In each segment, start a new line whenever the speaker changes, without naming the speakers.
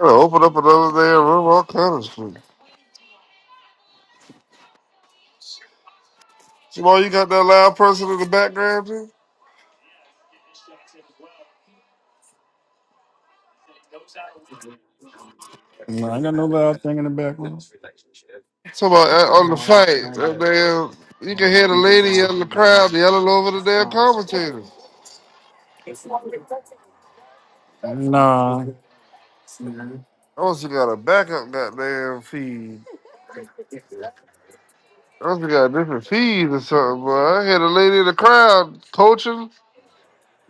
I open up another damn room, all kind of shit. Jamal, you got that loud person in the background, dude?
No, I got no loud thing in the background.
Talking about uh, on the fight, that damn, you can hear the lady in the crowd yelling over the damn commentators.
Nah,
I must have got a backup goddamn feed. I must have got a different feed or something, but I hear the lady in the crowd coaching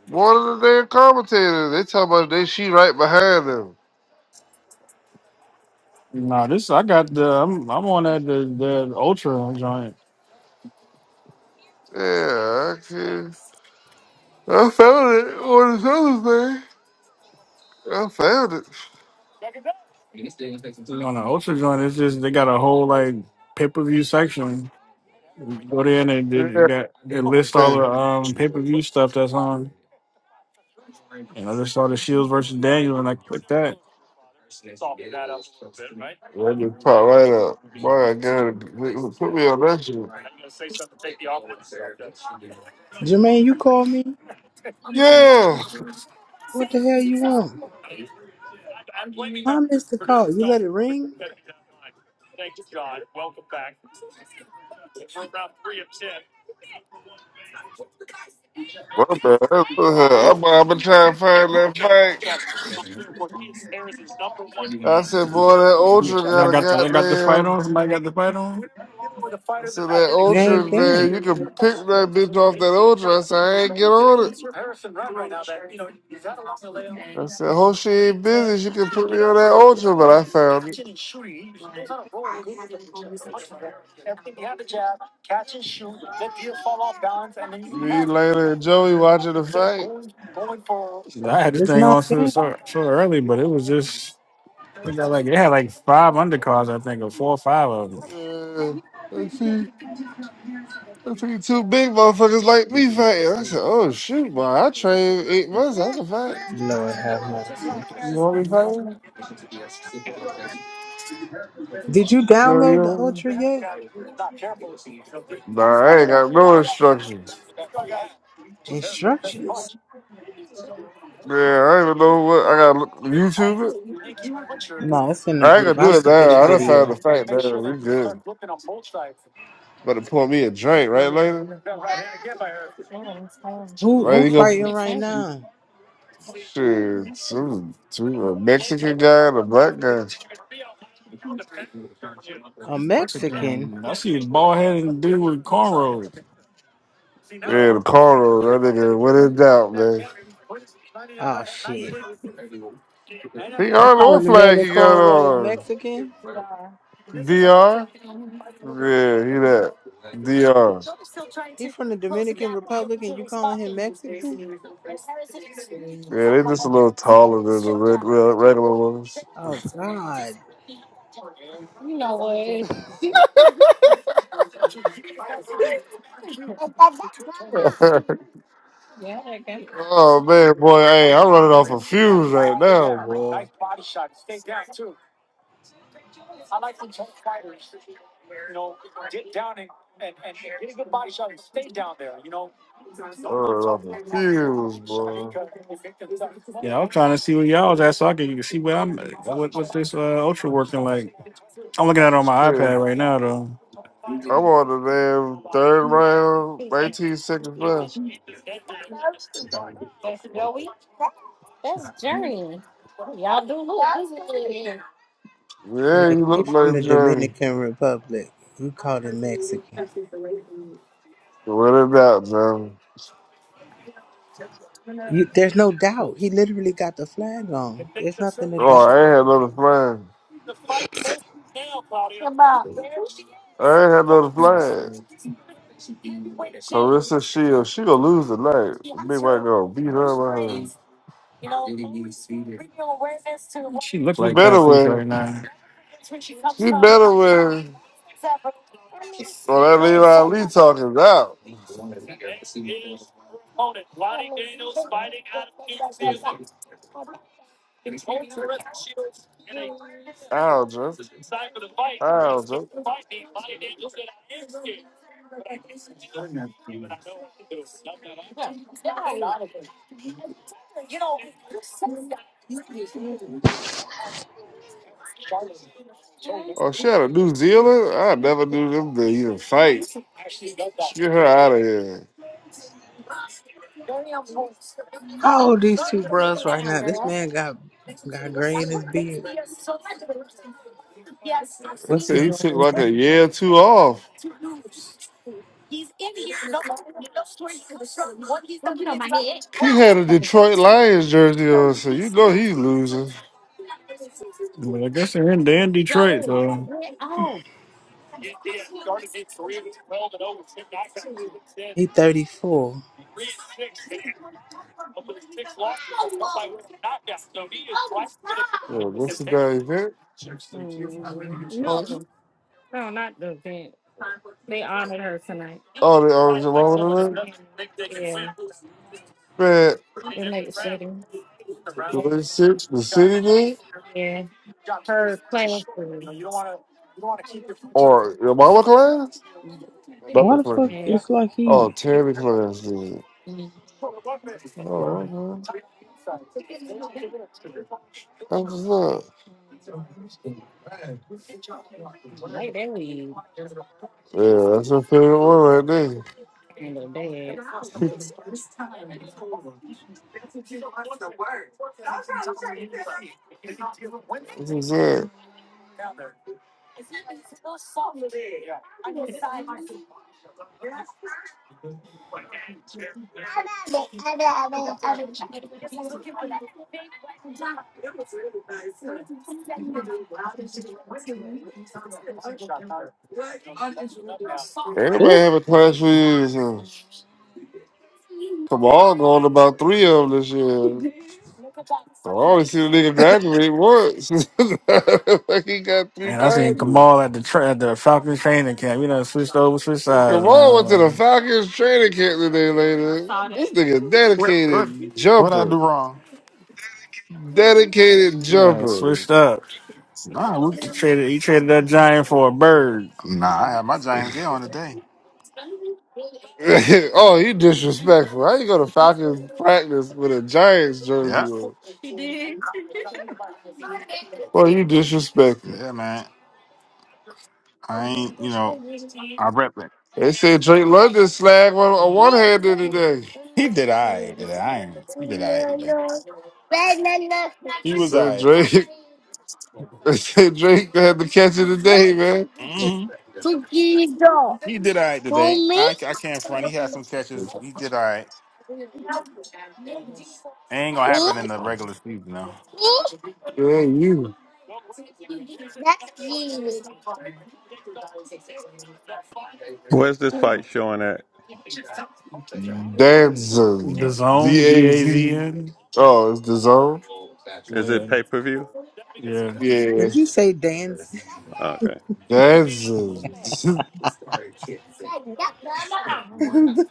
one of the damn commentators. They talking about they she right behind them.
nah. This I got the. I'm I'm on that the the ultra joint.
Yeah, I can I found it on this other thing. I found it.
On the ultra joint, it's just they got a whole like pay per view section. You Go there and they, they got they list
Yeah.
all the um pay per view stuff that's on. And I just saw the Shields versus Daniel, and I clicked that.
Let me pop right up. Boy, I got it. Put me on that shit.
Jermaine, you called me?
Yeah.
What the hell you want? I missed the call. You let it ring?
My bad. I'm, I've been trying to find that fight. I said, boy, that Ultra
Y'all
got a
got the y'all got the fight
goddamn.
on. Somebody got the fight on.
I said, that
It
Ultra,
ain't there.
man, you can pick that bitch off that Ultra. I said, I ain't get on it. I said, hope she ain't busy. She can put me on that Ultra, but I found it. Me, Lena, and Joey watching the fight.
I had this
It's
thing
not
on so,
there.
so so early, but it was just. They got like they had like five undercards, I think, or four or five of them.
Yeah. Let's see. They treat two big motherfuckers like me fighting. I said, oh shoot, boy, I trained eight months. I can fight.
Lord have mercy.
You want me fighting?
Did you
Yo,
download the
yo.
Ultra yet?
Nah, I ain't got no instructions.
Instructions?
Man, I don't even know what I gotta look YouTube it.
No, it's in the
I ain't
group.
gonna do
I
it
sent you the
now. I done
video.
found the fight now. We good. About to pour me a drink, right, later?
Who
Right,
who
you
fighting
gonna
right now?
shit, some two a Mexican guy and a black guy.
A
Mexican,
Mexican?
I see a bald headed dude with cornrows.
Yeah, the corner, that nigga, what in doubt, man.
Oh shit.
He
You
got do
calling
what
the man
flag
that
he got
cornrows
on.
Mexican?
DR. Yeah, he that. DR.
He from the Dominican Republic and you calling him Mexican?
Yeah, they just a little taller than the red, red, regular ones.
Oh god.
oh man, boy, hey, I'm running off a fuse right now, boy. I'm running off a fuse, boy.
Yeah, I'm trying to see where y'all was at so I can see where I'm what what's this uh, ultra working like. I'm looking at it on my
Shit,
iPad right now though.
I'm on the damn third round, 19 seconds left. Yeah,
Yeah,
you
he
look
from
like
the
Johnny.
Dominican Republic. You called him Mexican.
What a doubt, Johnny.
You, there's no doubt. He literally got the flag on. There's nothing to
Oh,
doubt.
I ain't had another flag. I ain't had another flag. Carissa Shields, she gonna lose tonight. Big White gonna beat her behind.
She look
She
like
better
Pat right
win.
now.
She better win. Well, that Levi Ali talking out. Alger. Alger. Oh, she out of New Zealand? I never knew them to even fight. Get her out of here.
How old these two bros right now? This man got got gray in his beard.
They
What's
said
his
he took
man
like a
name?
year or two off. He had a Detroit Lions jersey on, so you know he's losing.
But I guess they're in they're in Detroit, so
He 34.
Yeah, what's the guy event? Oh, the oh, Jamal Williams? Man, the city, the city game? Or your mama class? Another
Why the fuck?
class.
It's like
Oh,
he.
Terry class, dude. Oh, that's what's up. Yeah, that's your favorite one right there. That's what's up. Everybody
Ooh,
have a class reunion. Come on, going about three of them this year. I always see the nigga graduate once. like he got three
Man, I seen
classes.
Kamal at the tra- at the Falcons training camp. You know, switched over, switched
Come
sides,
on, went to the
man.
Falcons training camp today, lady. This nigga
What what
dedicated
what I
jumper.
do wrong?
Like,
Dedicated
You know,
jumper.
switched up.
Nah, we,
He traded he traded that giant for a bird.
nah. I had my Giants gear on today.
oh, you disrespectful. How you go to Falcons practice with a Giants
Yeah,
jersey on? Boy, you disrespectful.
yeah, man. I ain't, you know, I rep it.
They said Drake London slag on a one hander today.
He did I today. I ain't. He did I today. He was I.
Said Drake. They said Drake had the catch of the day, man.
Mm-hmm. He did I today. I I can't front. He had some catches. He did I ain't gonna happen in the regular season though.
Yeah, you.
Where's this fight showing at?
The
Danzon. D
zone, D
A
A Z
Z.
N.
Oh, it's the zone?
Is it
Yeah,
pay per view?
yeah.
Yeah.
did you say dance?
Okay.
Danzon.
it's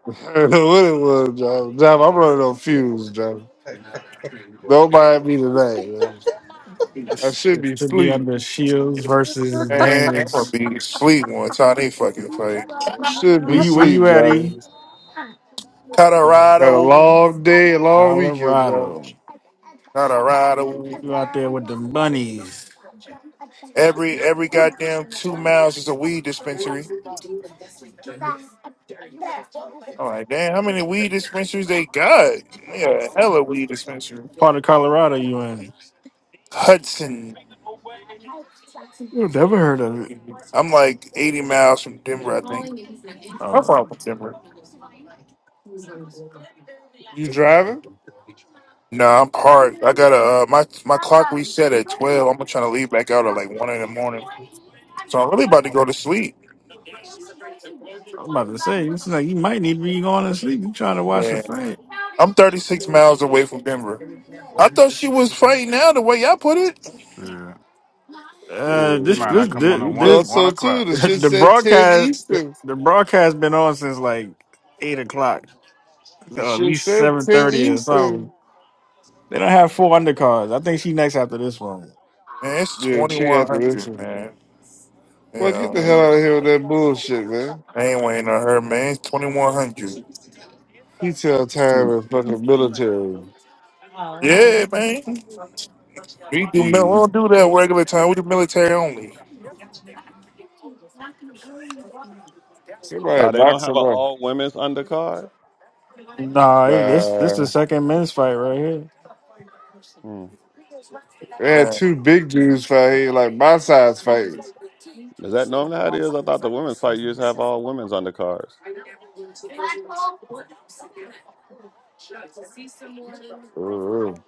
I don't know what it was, John. John, I'm running on fumes, John. Don't mind me tonight, man. I
It's-
should
It
be
should be
sleep.
under Shields versus
Man, I'm gonna
Daniels.
be sweet one time they fucking play.
I should
Where
be
you where
sleep,
you at, E?
Jarvis. Had a
Colorado,
long day, a long weekend, Jarvis.
Colorado.
Colorado.
You out there with the bunnies.
Every every goddamn two miles is a weed dispensary. I'm like, damn, how many weed dispensaries they got? They got a hella weed dispensary.
What part of Colorado you in?
Hudson.
you never heard of it.
I'm like 80 miles from Denver, I think. How
Oh,
far from Denver?
You driving?
Nah, I'm hard. I gotta uh, my my clock reset at 12. I'm trying to leave back out at like one in the morning, so I'm really about to go to sleep.
I'm about to say, it's like you might need to be going to sleep. You trying to watch a
Yeah,
fight?
I'm 36 miles away from Denver. I thought she was fighting now the way y'all put it.
Yeah.
Shit,
Uh,
You
this,
might
this,
not come on
this,
at
We
this
one
thought
one
so too.
o'clock.
The shit
the
said 10
broadcast,
Eastern.
the broadcast been on since like eight o'clock,
The
or at
shit
least
said
seven
10
thirty or something.
Eastern.
They don't have four undercards. I think she next after this one.
Man, it's
Yeah, she had to
2100,
listen.
man.
Boy,
Yeah,
get the hell out of here with that bullshit, man.
I ain't waiting on her, man. It's 2100.
He tell time in fucking military.
Yeah, man. We do mil- we
E.
don't do that regular time. We do military only.
Somebody
Uh, they
knock
don't have an
somebody.
all women's undercard.
Nah, it- this this
Nah.
the second men's fight right here.
Hmm.
We had
Man,
two big dudes fight here, like my size fighting.
Is that normally how it is? I thought the women's fight used to have all women's undercards.
Ooh,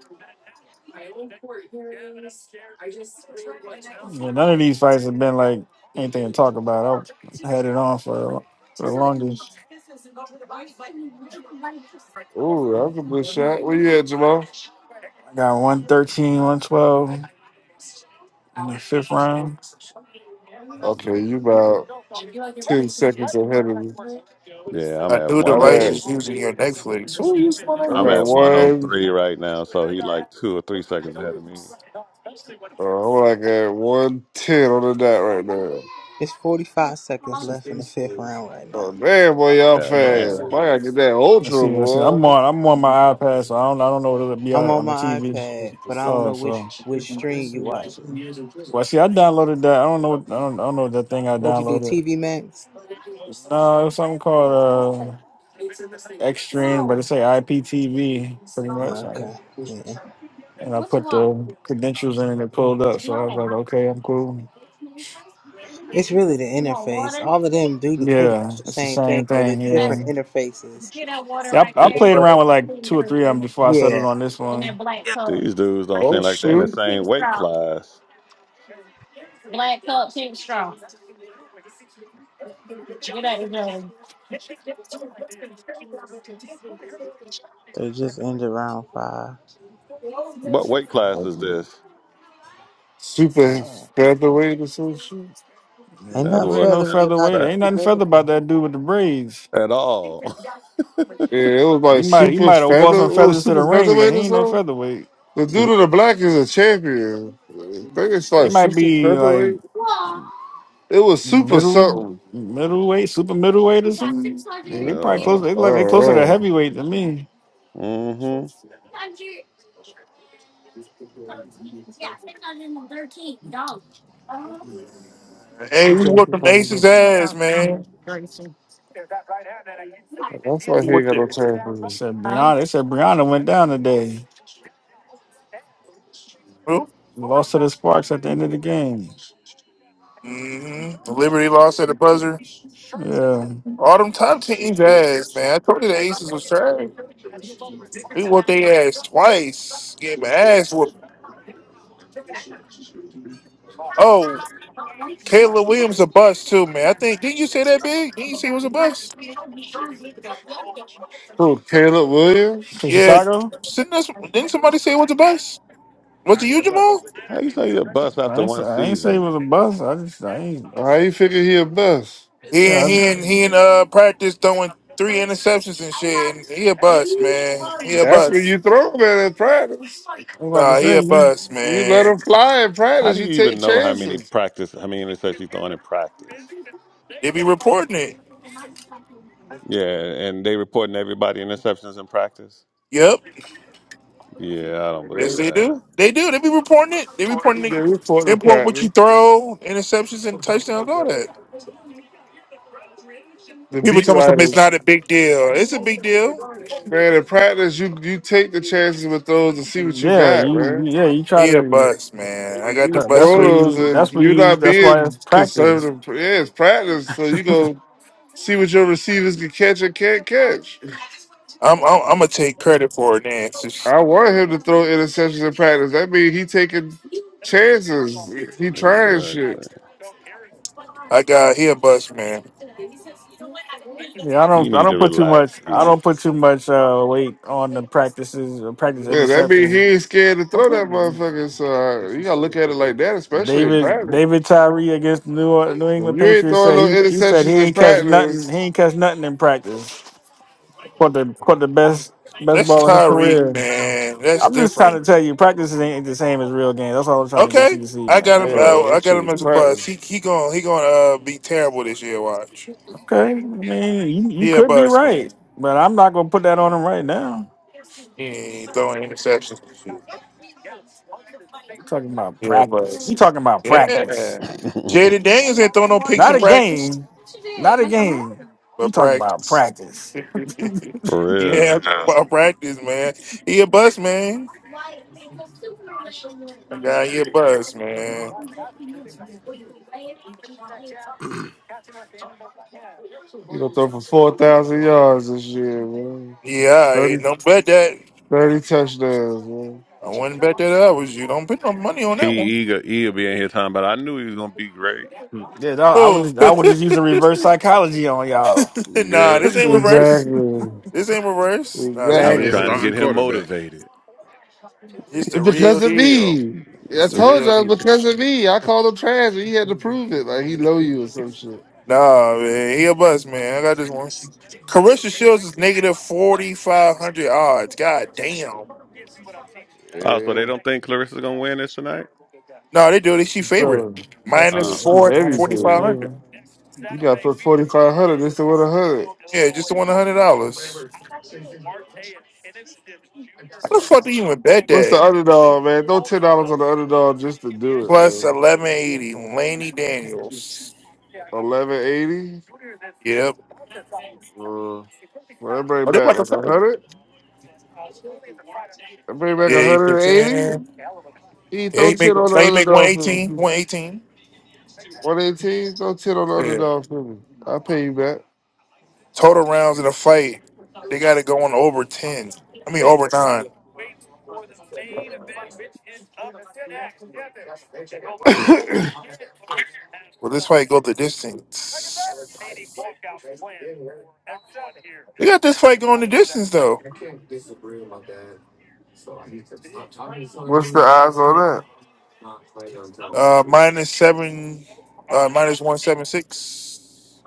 Yeah, none of these fights have been like anything to talk about. I had it on for for the longest.
ooh, that
Oh,
was a good shot. Where you at, Jamal?
I got one thirteen, one twelve in the fifth round.
Yeah,
Okay, you about ten seconds ahead of me.
yeah I'm
a
at
new
one
I'm
device
at
is
oh.
using your Netflix. Who uses my
I'm
I'm
at
at
Netflix?
one oh
one.
three right now, so he like two or three seconds ahead of me.
Uh, I'm like at one ten on the dot right now.
45 seconds left in the fifth round right
Oh
now.
man, boy, y'all
God
fast.
damn.
Boy, I gotta get that
Let's see.
ultra,
Let's see.
boy.
I'm on. I'm on my iPad, so I don't. I don't know what it'll be
I'm
like
on
on the
my
TV.
iPad, but I don't
Oh,
know
so.
which which stream you watching.
Well, see, I downloaded that. I don't know. I don't. I don't know that thing I
What'd you do?
downloaded.
TV Max?
No, it was something called uh, Extreme, but it say IPTV pretty much.
Oh,
And
okay.
I put the credentials in, and it pulled up. So I was like, okay, I'm cool.
It's really the interface. All of them do the- pretty
Yeah,
much the
it's the
same
same
thing, but
thing.
it's
Yeah.
different interfaces.
Yeah, I, I
Th-
played around
But
with like two or three of them before I settled
yeah,
on this one.
These dudes don't
Oh
seem like they're in the
shoot,
same weight class.
they just end around five.
What weight class is
Okay.
this?
super
Oh,
featherweight or some shit.
yeah,
Ain't
that
That
nothing
dude ain't
boy
no
kind
feathery
of
featherweight.
about
There
fat
ain't
these
nothing feather about
Dominican.
that dude with the braids.
at all.
Yeah, it was
He
like
might he
super
might have wore
feather.
some
It was
feathers to the
super
ring, but
featherweight
he
or
ain't no
something.
featherweight.
The
yeah.
dude in the black is a champion. I think it's
They
like
might
super
be like
featherweight. It was super
middle
something.
middleweight, super middleweight or something. They, they probably close. They like they
Oh,
closer to
oh.
heavyweight than me.
Mm-hmm.
Who
Hey, we whooped
Jackson
them
Carter?
Aces ass, man.
That's why
You
he ain't
whooped
got no
that.
They
champion.
said Brianna. They said Brianna went down today.
Who?
Lost to the Sparks at the end of the game.
Mm-hmm. Liberty lost at the buzzer.
Yeah,
All them top teams ass, man. I told you the Aces was trash. He whooped their ass twice. Get my ass whooped. Oh, Caleb Williams a bust too, man. I think didn't you say that big? Didn't you say it was a bust?
Who, Caleb
from
Williams?
Yeah.
Chicago.
Send us, didn't somebody say it was a bust? Was
I
it you,
hear, but
Jamal?
How you say you a bust
I
after
ain't, say-
one
I ain't say it
season?
was a bust. I just, I ain't.
Uh, How you figure he a best?
He
Yeah, I, I
and
was
he and he and uh practice throwing three interceptions and shit. And he a bust, man. He a
That's what
bust.
you throw, man, in practice.
about to
Nah, he
say,
a
yeah,
bust,
You let
man.
him fly in
How
practice.
do
You
you even
take
know how many
chances.
practice, how many interceptions you throwing in practice?
They be reporting it.
Yeah, and they reporting everybody interceptions in practice.
Yep.
Yeah, I don't
Yes,
believe
Man,
they
that.
do. They do. They be reporting it. They reporting
they
it.
you caught
They
in
report what you
practice.
throw, interceptions and touchdowns, all that.
The
People
beat
tell me something. It's
writers.
not a big deal. It's a big deal.
Man, in practice, you, you take the chances with those to see what you
yeah,
got, man.
you, yeah, you try
He a
to.
bus man. I got the
You
uh, That's
bus
what
rate.
throw those,
you.
and
That's what
you're
you.
not
That's why
being
it's practice.
conservative. Yeah, it's practice, so you go see what your receivers can catch and can't catch.
I'm, I'm I'm gonna take credit for it. Then It's just-
I want him to throw interceptions in practice. That means he taking chances. He trying
Exactly.
shit.
I got he a bus man.
Yeah, I
You
don't. I
need
don't
to
put too
relax,
much. I
E.
don't put too much uh, weight on the practices. uh, Practice
Yeah, that means he
interception.
ain't scared to throw
Okay.
that motherfucker. So uh, you gotta look at it like that, especially in
David
practice.
David
If
Tyree against New Or- New England
you ain't
Patriots
throwing
said
no
he he said he
interceptions in
ain't catch nothing.
practice,
He ain't catch nothing in practice. Caught the caught the best best
That's
ball in his
Tyreek
career.
man. That's
I'm just trying
different.
to tell you, practices ain't the same as real games. That's all I'm trying to get you
Okay,
to see,
I
man.
got
That's
him.
man,
I,
all.
I
that
got
shit
him
was
as a
practice.
bus. He he going he going to uh, be terrible this year. Watch.
Okay, I mean, you, you
He a
could be
bus man.
right, but I'm not gonna put that on him right now.
He ain't throwing interceptions. and shit.
I'm talking about
He a
practice.
bus.
You talking about
Yeah.
practice,
For
Jaden Daniels ain't throwing no picks
not
in
a
practice,
game, not a game. You
but
talking about
practice.
practice?
yeah,
real.
ball practice, man. He a bust, man. That guy, he a bust, man.
You gonna throw for four thousand yards this year, man.
Yeah, all right. don't bet that.
30 touchdowns, man.
I wouldn't bet that I was you. Don't put no money on
E
that
E
one.
go- E will be in here time, but I knew he was gonna be great.
Hmm.
Yeah, no, I would
Oh,
just, I would just use a reverse psychology on y'all.
nah,
Yeah.
this
That's
ain't
All right.
reverse.
Exactly.
This ain't reverse. Nah,
That's
this
I
gonna
ain't
was
be a
trying to
Exactly.
reverse.
starting
get him
quarterback.
motivated.
It's the
It's
real
because of
deal.
me. I
It's the
told you
real
it
deal.
was because of me. I called him trash and he had to prove it. Like he know you or some shit.
Nah, man, he a bust, man. I got this one. Carissa Shields is negative forty five hundred odds. God damn.
Oh, so they
Yeah.
don't think Clarissa's gonna win this tonight?
No, they do. They she
No.
favorite
Uh
minus
It's
a-
too
four
heavy
minus
for
forty
is a
five
you.
hundred.
favor.
You gotta put forty five hundred just to win a hundred.
Yeah, just the one hundred dollars. How the fuck do you even bet
What's
that?
the underdog, man? Throw ten dollars on the underdog just to do it,
Plus
man.
eleven eighty. Laney Daniels.
Eleven eighty?
Yep.
Uh, well that bring
Oh, they're
back
about to
like a
fail.
hundred? That bring back
Yeah,
a
you make
hundred and eighty?
ten.
He
Yeah,
throw
you make
ten on the
now you make one
underdog for me.
eighteen. One eighteen.
118? do ten on the
Yeah.
underdog for me. I'll pay you back.
Total rounds in a fight, they got to go on over ten. I mean over nine. Will this fight go the distance? They got this fight going the distance though.
What's the odds on that?
Uh, minus seven, uh, minus one seven six.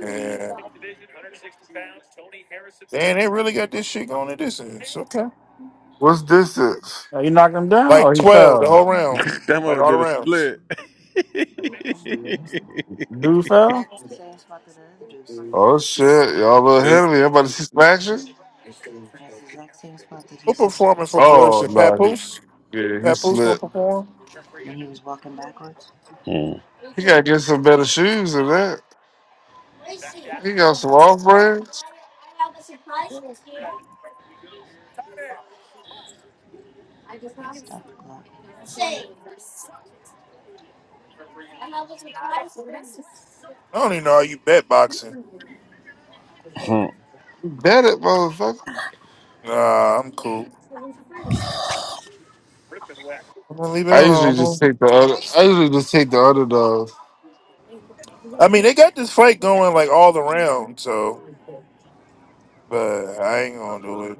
Yeah, damn, they really got this shit going at this end. It's okay,
What's distance?
Oh, you knocked him down, or
like
he
twelve the
fell?
whole round,
that
like
mother
all the
did a
rounds.
split.
Dude fell.
Oh shit, y'all little Henry. I'm about to see some action.
Who performing for
Oh
Clarissa?
no, he,
Papoose?
yeah, he
Papoose gonna
slipped.
perform?
He gotta get some better shoes than that. He got some off brands.
I don't even know how you bet boxing.
Mm.
Bet it, motherfucker.
Nah, I'm cool. I'm gonna leave it
I
alone. I'm
usually just
gonna-
take the other. I usually just take the underdog.
I mean, they got this fight going like all the rounds, so but I ain't gonna do it.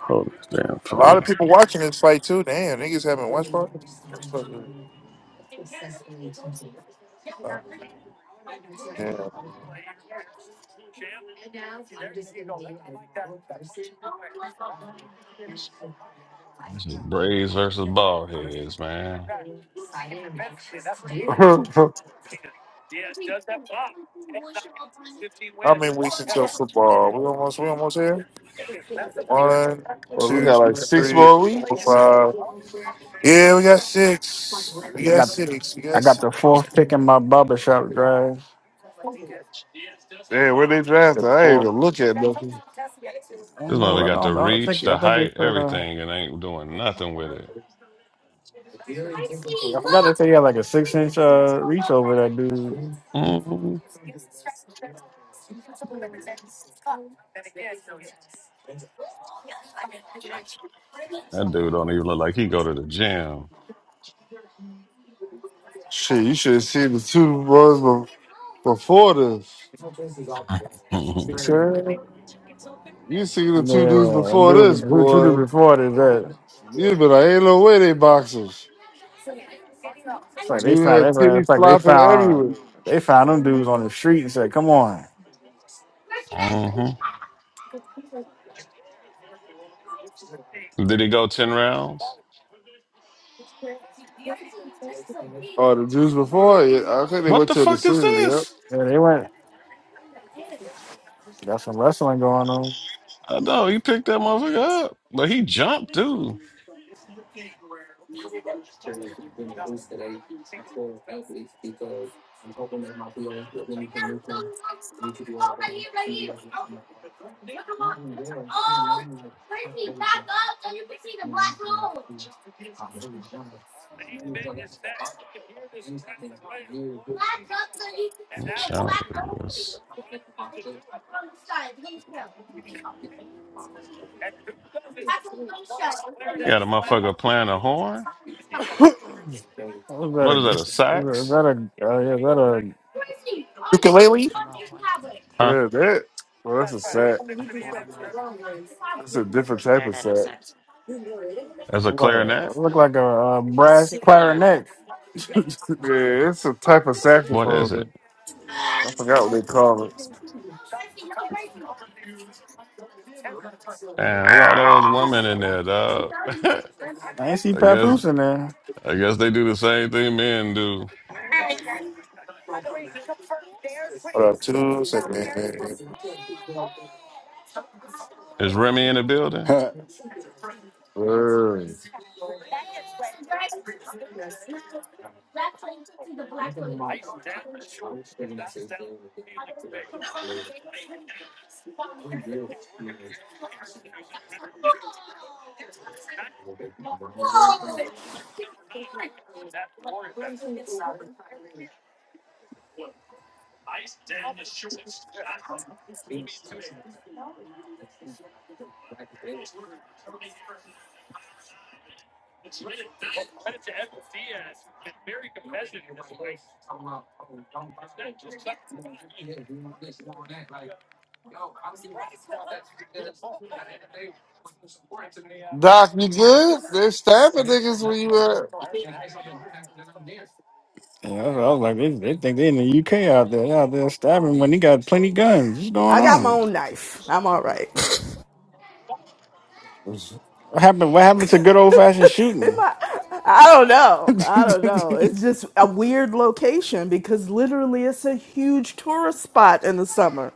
Hold this damn
A lot of
phone.
people watching this fight too. Damn, niggas haven't watched part.
This is Braves versus ballheads, man.
How many weeks until football? We almost we almost here. One,
well, we
two,
got like six
three,
more
four,
weeks.
five. Yeah, we got six. We got six. We
I
got
got
six.
the fourth pick in my barbershop drive.
Damn, where they
Got
drafted?
the
I ain't
four.
even look at nothing.
I don't
This
know.
mother
I
got the
don't. I
reach,
think. I
the
think they
height,
said. Uh,
everything, and ain't doing nothing with it.
I forgot they said he had like a six inch uh, reach over that dude.
hmm That dude don't even look like he go to the gym.
Shit, you should have seen the two boys be- before this.
Sure.
You seen the two dudes
Yeah, and
before this,
dude, who, who did
boy.
before it is that?
Yeah, but I ain't no way they boxers.
It's like they
Dude had
found. It's
titties
like they
flopping
found.
everywhere.
They found them dudes on the street and said, "Come on."
mm-hmm. Did he go ten rounds?
Oh, the dudes before, yeah, I think they
What
went
the
to a
fuck is
decision. Yep.
this?
Yeah, they went. Got some wrestling going on.
I know he picked that motherfucker up, but he jumped too. What channel is this? He got a motherfucker playing a horn.
What Was that
What
a?
is that? A
Is
sax?
that a? Uh, yeah, is that a?
Ukulele.
Huh?
Man, that, well, that's a sack. It's a different type of sack.
That's a
Look,
clarinet.
look like a, uh brass clarinet.
Yeah, it's a type of
What
saxophone.
is it?
man. I forgot what they call it.
Damn, look at all
I
those
don't
women
know.
in there, dog. I
I ain't see
guess
Papoose in there.
I guess they do the same thing men do.
Hold up, two seconds.
Is Remy in the building?
Word. Doc, you good? They stabbing niggas where you
Yeah, I was, I was like, they, they think they in the UK out there. They out there stabbing when he got plenty guns. What's going
I got my
on?
own knife. I'm all right.
at.
What happened? What happened to good old fashioned
Am
shooting?
I, I don't know.
yeah,
I don't know. It's just a weird location because literally it's a huge tourist spot in the summer.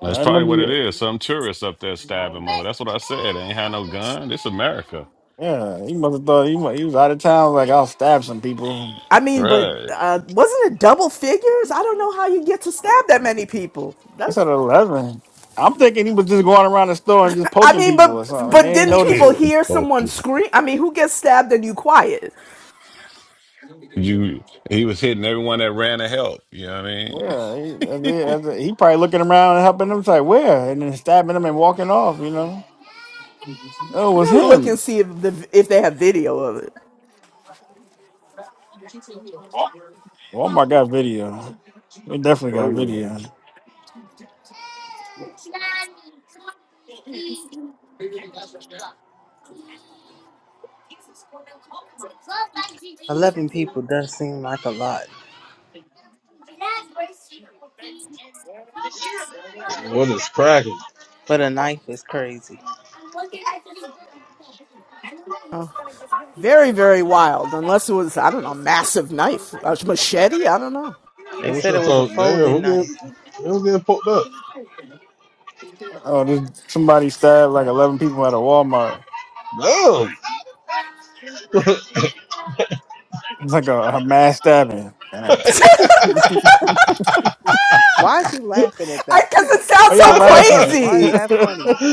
That's
I
probably what
remember.
it
you-
is. Some tourists up there stabbing him over. That's what I said. They ain't had no gun. This America.
Yeah, he must have thought he, mu- he was out of town. Like I'll stab some people.
I mean, but
Right.
uh, wasn't it double figures? I don't know how you get to stab that many people.
It's
That's.
at eleven. I'm thinking he was just going around the store and just
I
poking
mean,
people or
but
something.
but
They ain't
didn't
notice
people
it.
hear someone
okay.
scream? I mean, who gets stabbed and you quiet?
You he was hitting everyone that ran to help. You know what
Yeah, he, that's it, that's it. he probably looking around and helping them, it's like, where? And then stabbing them and walking off, you know? Oh, it
I
was
gotta look and
him.
see if the if they have video of it.
Huh.
Walmart got video. They definitely
Oh
got
yeah.
video.
Eleven people does seem like a lot,
What is cracking?
but a knife is crazy.
Very very wild. Unless it was I don't know, a massive knife, a machete. I don't know.
They
What's
said
your
it was a
thought? Damn,
folding
who
knife.
getting, who getting poked up?
Oh, this, somebody stabbed like
Yeah.
11 people at a Walmart. It's like a, a mass stabbing.
Damn.
Why is he laughing at that?
Because it sounds
Why
so
y'all laughing?
Why is
crazy.
that funny?
That's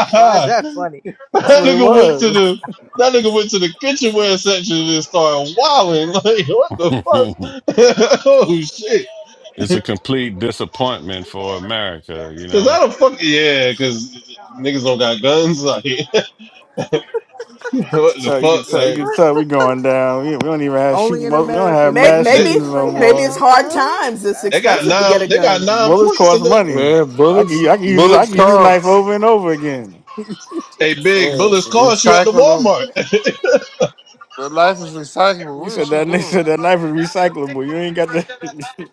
Damn.
Why is that funny?
That
what it
nigga went to
was.
the that nigga went to the kitchenware section and started wilding. Like, what the
I mean?
fuck? oh shit!
it's a complete disappointment for America, you
Cause
know.
how the fuck? Yeah, cause niggas don't got guns. Like, what the
So you can
fuck?
tell, you
Like,
can tell we going down. We, we don't even have
Only
shooting. We
in
don't
America
have
do
Maybe,
mass
we
they
say
maybe,
shootings
you
no
ain't have
maybe
more.
it's
no
hard
gun.
times. It's
That's
they got
expensive to get
nine
a
crazy.
they got
gun.
nine
Bullets
points in
cost
the.
money.
Yeah,
I
bullets,
can, I can use this. I
bullets
can use this
come.
knife over and over again.
Hey, big
Yeah,
bullets cost you at the
recyclable. them.
Walmart.
life is recyclable.
You
What is
said
she
that they
doing?
said that knife is recyclable. You ain't got the.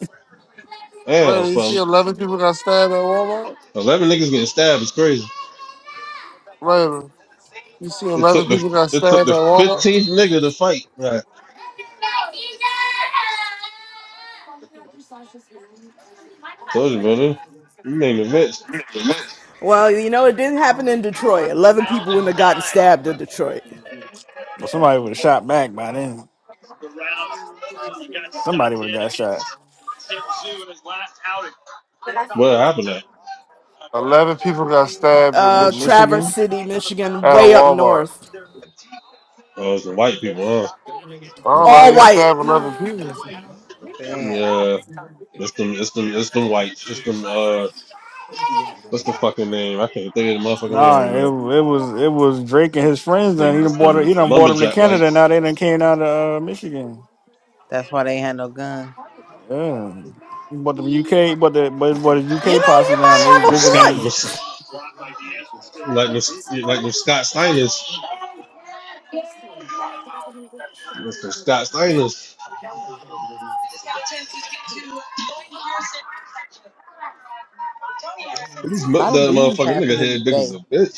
Damn,
Later, you see
from
11 people got stabbed at Walmart?
eleven niggas getting stabbed is crazy.
Later, you see
It
11
took the
people got
it took
stabbed
the
at Walmart?
fifteenth nigga to fight. Right. Told you, brother. You made me rich.
Well, you know, it didn't happen in Detroit. Eleven people wouldn't have gotten stabbed in Detroit.
well, somebody would have shot back by then. Somebody would have got shot
What happened?
11 people got stabbed in
Uh,
in
Michigan
Traverse
Michigan.
City, Michigan,
at a
way up
Walmart.
north,
Oh, it's the white people, huh?
I don't know how
all
you
white.
stab
You know,
11 people.
Damn.
Yeah. It's them it's them it's them whites. It's them uh what's the fucking name? I can't think of the motherfucking name
Nah,
right
it, it
now.
was it was Drake and his
It's
friends, and he
them
done
it's
bought it.
them
He done bought them to
lumberjack
Canada.
whites.
Now they done came out of uh, Michigan.
That's why they had no gun.
Yeah, he bought them UK, but the but but his UK posse
you
now they
might have
Them Scott
a
visiting.
point.
like them, like them Scott Steiners. It's them Scott Steiners. This
A
mo-
lot of
that
news
motherfucking nigga
happening
head big as
today.
a bitch.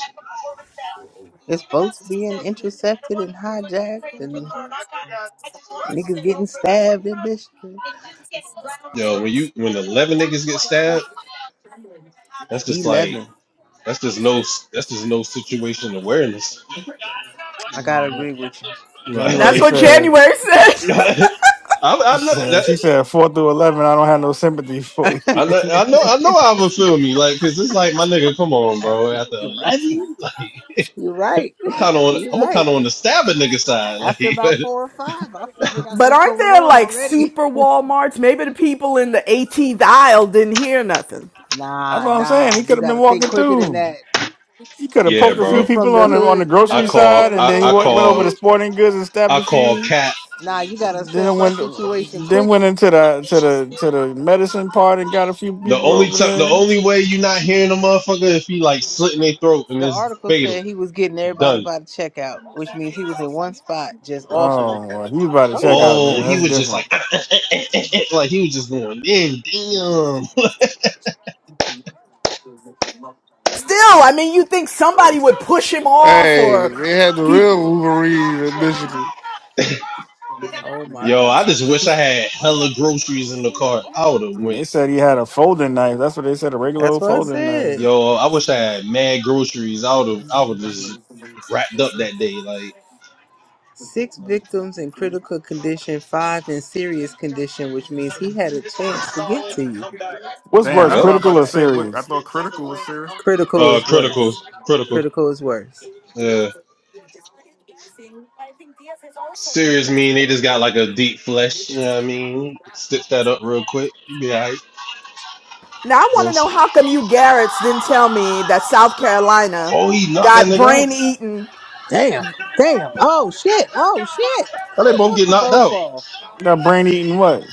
It's boats being intercepted and hijacked, and niggas getting stabbed and bitch.
Yo, when you when eleven niggas get stabbed, that's just like
Eleven.
that's just no that's just no situation awareness,
I gotta
yeah,
agree with you.
right?
That's
January
what
said
January said.
I,
he
I know
said
that.
she said four through eleven. I don't have no sympathy for you.
I know,
That's
I know, I know. I would feel me like, cause it's like my nigga, come on,
I-
bro. After
You're right.
eleven, like
You're right.
I'm kind of on,
You're
I'm
right.
kind of on the stabbing nigga side, like
After about four or five, I figured out
But
what's
aren't
going
there
on
like
already.
super Walmarts? Maybe the people in the 18th aisle didn't hear nothing.
Nah,
what I'm saying.
nah.
He
You
could have been
gotta think
walking
quicker than
through.
that.
You could have
yeah,
poked a
We
few
bro.
from
people
the
on the on the
hood. You
I
grocery
not. You
side,
call,
can't
and
I,
then you
I
afford
went,
that
went over to
call,
shit.
sporting goods and stabbed
I
a
call
few.
cat
Nah, you gotta
Then it
assess that
went
situation
then
quick
went into the to the to the medicine part and got a few
The
people
only
over
time, the
there.
only way you are not hearing a motherfucker if he like slit in their throat and
The
it's
article
fatal.
said he was getting everybody
Done.
by the checkout, which means he was in one spot just offering them.
Oh, well, he about to
What are
check
y'all
out. Then
Oh, he
that's
doing?
was just like,
different.
like he was just going in. Damn.
Still, I mean, you think somebody would push him off
Hey,
or
they had the real
people?
Wolverine in Michigan.
Oh my
Yo, I
God.
just wish I had hella groceries in the car. I would have went.
They said he had a folding knife. That's what they said, a regular
That's
old
what I
folding
said.
knife.
Yo, I wish I had mad groceries. I would have. I would just wrapped up that day. Like,
Six victims in critical condition, five in serious condition, which means he had a chance to get to you.
What's
Damn,
worse,
that's
yep.
what I was
Ah.
about
critical
to
or
say. What I
serious?
thought critical was serious.
Critical
Uh,
is
critical,
worse.
critical.
Critical is worse.
Yeah. Serious mean they just got like a deep flesh. You know what I mean? Stitch that up real quick. You be alright.
Now I want to
Yes.
know how come you Garrett's didn't tell me that South Carolina
Oh, he knocked that
got
nigga out.
brain eaten
Damn. Damn. Oh shit. Oh shit.
How
How
they
the
both
fuck
get
did
knocked
Bo
out?
fall?
That brain eating what?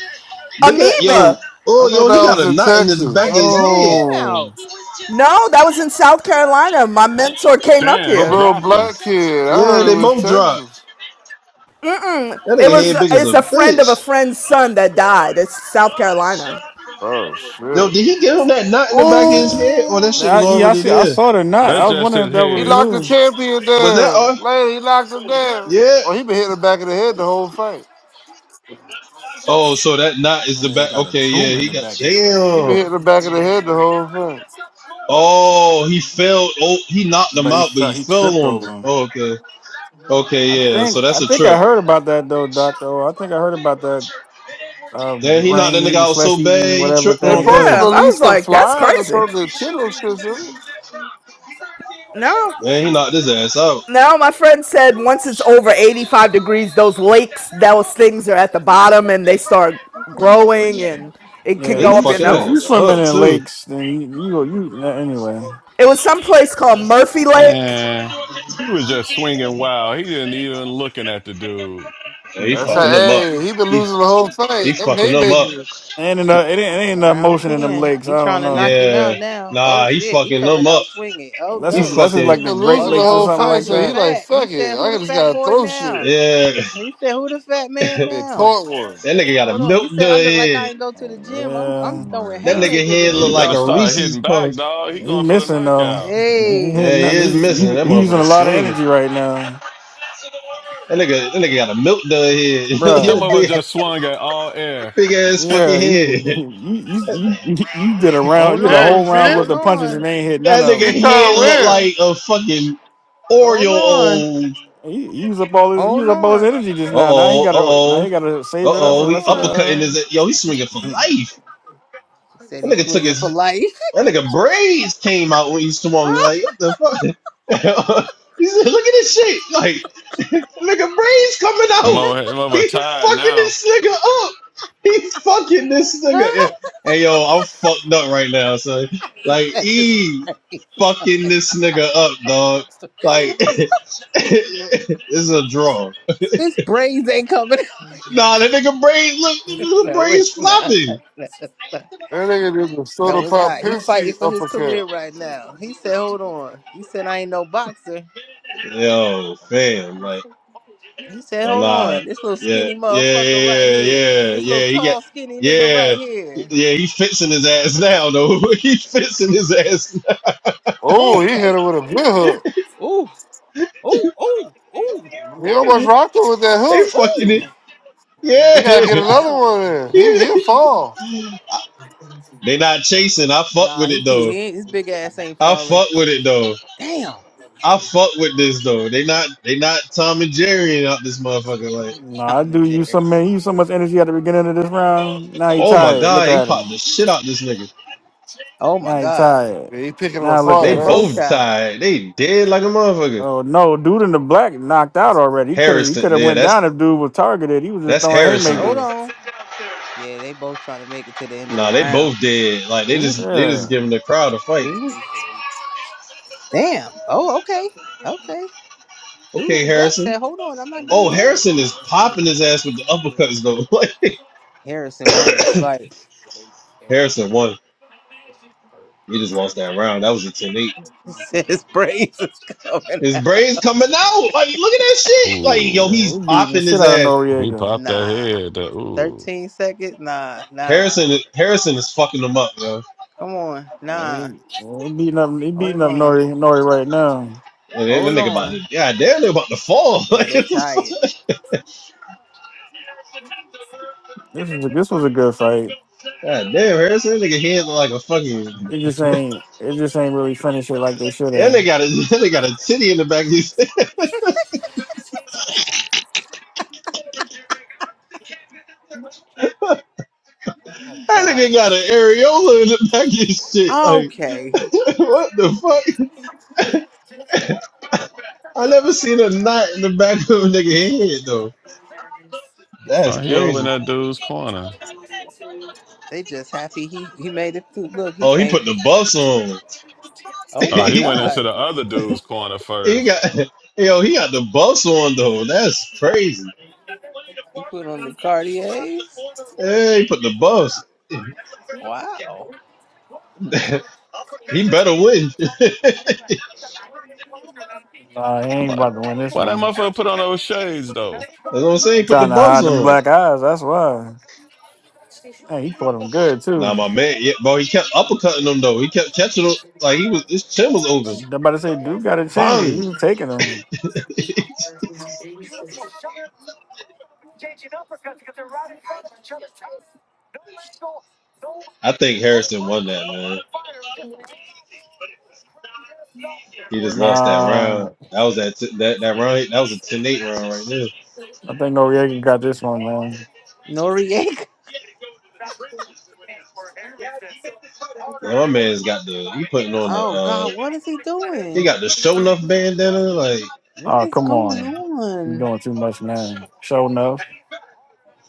Look at that, yo.
amoeba.
I
Oh,
thought
yo, he
that
got
was
a
in
knot in the
How
back
Texas.
of
you
his head.
counting him
Oh,
No, that was in South Carolina. My mentor came up
Damn,
A
he
here.
little
dropped him.
black kid. I
Yeah,
heard it
they
was
both
Texas.
dropped.
Mm-mm.
That
It
nigga
was
head big as
it's
a
a friend
bitch.
of a friend's son that died. It's South Carolina.
Oh,
Yo,
shit.
did he get him that knot in the back of his
Man.
head, or
Ooh!
that shit was
I, yeah, I
already
see. I
there?
saw the knot.
That's
I
Damn,
was
just
wondering if
his
that
He
was
head.
locked the
new.
champion
Was that
down.
all?
Later, he locked him down.
Yeah.
Oh, he been hitting the back of the head the whole fight.
Oh, so that knot is
and
the
they
back.
got a
Okay, yeah,
tumor in
he
the
got
back of his fucking
He
head.
been
damn.
hitting the back of the head the whole fight.
Oh, he fell. Oh, he knocked him
But he
out, but he
felt he
fell
tripped
on him.
over him.
Oh, okay, okay,
I
yeah.
think
So
I
that's a
think I
trip.
heard about that though, Doctor. O. I think I heard about that uh,
Damn, he knocked
brain
that nigga
eating,
out
flesh
so
eating,
bad he
whatever
tripped
They
on
supposed
thing.
to
Yeah,
cuz.
I was
release the
like, that's
flies or
crazy.
something to kill him, shit, isn't it?
No.
Man, he knocked his ass out.
No, my friend said once it's over 85 degrees, those lakes, those things are at the bottom and they start growing and it can
Yeah,
And
if
he
go
you
up your
sw-
fucking that
if you
nigga
nose.
swimming
up
in
too.
lakes, then you you go you nah, anyway.
It was some place called Murphy Lake.
And he was just swinging wild. He didn't even looking at the dude.
Yeah, he
Mm,
Yeah, I
That's how,
fucking him up.
hey, he been
He,
losing the whole
he
fight. Them
fucking him up.
haymakers.
ain't enough it ain't, it ain't enough
Round
motion in them
ten.
lakes.
He
I don't
trying to
know
knock him
Yeah.
out now. Oh
Nah, he
shit, he
fucking him
coming
up.
out swinging. Oh
unless
He
it's
no.
unless it's
fucking
He
like the
been
Great
Oh
losing the
Lakes
y'all
or
whole
was
something
fight,
calling
like
so
him
he
that.
like,
fat. He
fuck
said,
it.
"Who
I
the
just
fat
gotta
boy
throw shit.
now?"
yeah.
He said, "Who the fat man
that
And
now?"
caught one.
nigga got a
Hold on. You
milk
said I
dud
look like I
head.
ain't go to the
Uh,
gym. I'm
yeah,
I'm throwing
mm,
That
Got it.
nigga
haymakers
head
at
And
this
look
you
like
better
a
start
motherfucker.
Reese's
hitting back,
puff.
dog. He
he
going for the
missing though.
knockout.
He ain't
Yeah,
Hey,
hitting
he
nothing.
is
He,
missing.
he
That
he using a
motherfucker
lot of
swinging.
energy right now,
That nigga, that nigga got a milk dud head. he
bruh.
Some
got a
of us
big,
just swung at all air.
big ass
Yeah,
fucking
you
head.
you, you, you you did a round,
hold
you did a
Yeah, you
on,
whole
see
round with
it?
hold
the punches and
on,
they ain't hit none
That
of
He
nigga
them.
trying to
hold
head look
win.
on,
like a fucking
hold
Oreo.
on,
old.
He, he used up all his, he used
hold
up all his
on,
energy
Uh
just now. Now he
oh, uh
gotta, now
oh, uh
he gotta save it up for
hold
oh.
the
He
rest of the.
on.
uppercutting
Uh...
his. Yo, he swinging for
Mhm,
life.
He said
That
he's
nigga took
swinging
his.
for life.
That nigga braids came out when he swung. Like what the fuck? he said, "Look at this shit." Like Nigga, brains coming out.
Mo mother,
He's
tired
fucking
now.
this nigga up. He's fucking this nigga. Yeah. Hey yo, I'm fucked up right now, son.
he
Like
said his
E
brains,
fucking this nigga up, dog. Like this is a draw.
his brains ain't coming.
Nah, that nigga brains look the nigga
No,
brains
it's not.
flopping.
No, it's not.
That nigga did the soda
No, it's
pop
not. He fighting
Pinsky
for his
uppercut.
career right now. He said, "Hold on." He said, "I ain't no boxer."
Yo, fam, like.
He said,
No
"Hold
lie.
on, this little
Yeah,
skinny
yeah,
motherfucker right
yeah,
here,
yeah,
this little
yeah. He got,
tall skinny nigga right
yeah,
here."
yeah. He fixing his ass now, though. he fixing his ass. Now.
Oh,
Oh
he hit her
damn!
with a good
Ooh,
hook.
ooh, ooh, ooh, ooh,
He almost
ooh,
rocked her with that
They
hook.
fucking it.
ooh!
He gotta
God
get
Yeah.
another
damn!
one in. He he'll fall.
they not chasing. I fuck
Nah,
with
he
it
too.
though.
He ain't, his big ass ain't
I
falling.
fuck with it though.
Damn,
I fuck with this though. They not. They not Tom and Jerry out this motherfucker. Like,
Nah, I
Tom
do
and
use
Jerry.
some man, He used so much energy at the beginning of this round. Now he
oh my
tired. Look
god, he
at
popped the
him.
shit out this nigga.
Oh my
Now he
God,
tired.
Yeah, he picking him
Now look
apart,
They
they
at
man.
both
you.
both
tied.
tied. They dead like a motherfucker.
Oh no, dude in the black knocked out already. He could have, he
Harrison,
could have
yeah,
went down
that's
if dude was targeted. He was just
that's
throwing
Harrison.
Hold
haymakers.
on. Yeah, they both trying to make it to the end of the
Nah, they
round.
both dead. Like they
Ooh,
just they
Yeah,
just giving the crowd a fight.
ooh, damn. Oh, okay, okay. Dude in
Okay,
the black
Harrison.
said, "Hold on, I'm not
Oh,
done yet."
Harrison is popping his ass with the uppercuts though.
Harrison
mm,
won this
Like
fight.
Harrison won. He just lost that round. That was a ten eight.
He said his praise is coming.
His
out.
brain's coming out. Like, look at that shit. Like, yo,
yeah
Ooh,
he's
we beating the
popping
shit
his
out of
ass.
he
Noriega.
popped that
Nah,
head. That ooh.
thirteen seconds. Nah, nah.
Harrison Harrison is fucking him up, yo.
Come on, nah.
He, he beating up, he beating
Hold
up
on,
Nori, Nori right now.
And then
hold
that nigga about to,
on.
god damn, they about to fall.
Yeah,
Like,
they tired.
This was a, this was a good fight.
God damn, Harrison, that nigga head look like a fucking.
It
That
just ain't, it just ain't really finished it like they should
nigga
have.
got a that nigga got a titty in the back of his.
Oh
That
God.
nigga got an areola in the back of his shit. Like,
Okay,
what the fuck? I never seen a knot in the back of a nigga head though.
Oh,
That's
he over in
crazy.
that dude's corner.
they just happy he he made it through. Look, he
Oh, he put
can't.
the buffs on.
Oh
Oh,
my
he went into
God,
the other dude's corner
He
first.
got yo, he got the bus on though. That's crazy.
he put on the Cartiers.
Yeah, he put the bus.
Wow.
he better win.
Nah, he
Am
ain't
I-
about to win this
Why that
one.
motherfucker put on those shades though?
That's what I'm
He
saying. Put the
trying to
bus
hide them
on.
black eyes. That's why. Hey, he caught him good
Nah, my
too.
man. Yeah, bro. He kept uppercutting him though. He kept catching him like he was. His chin was open.
I'm about to say Duke got a chin because he
Bang.
was taking him.
I think Harrison won that, man. He just lost that round.
Nah,
That was that t- that that round. That was a ten eight round right there.
I think Noriega got this one, man.
Noriega.
Yeah, my man's got the he putting on the
Oh God,
uh
what is he
he
doing?
got the show enough bandana like
What
Oh,
is
come
going
on. You're
on?
doing too much now. Show enough.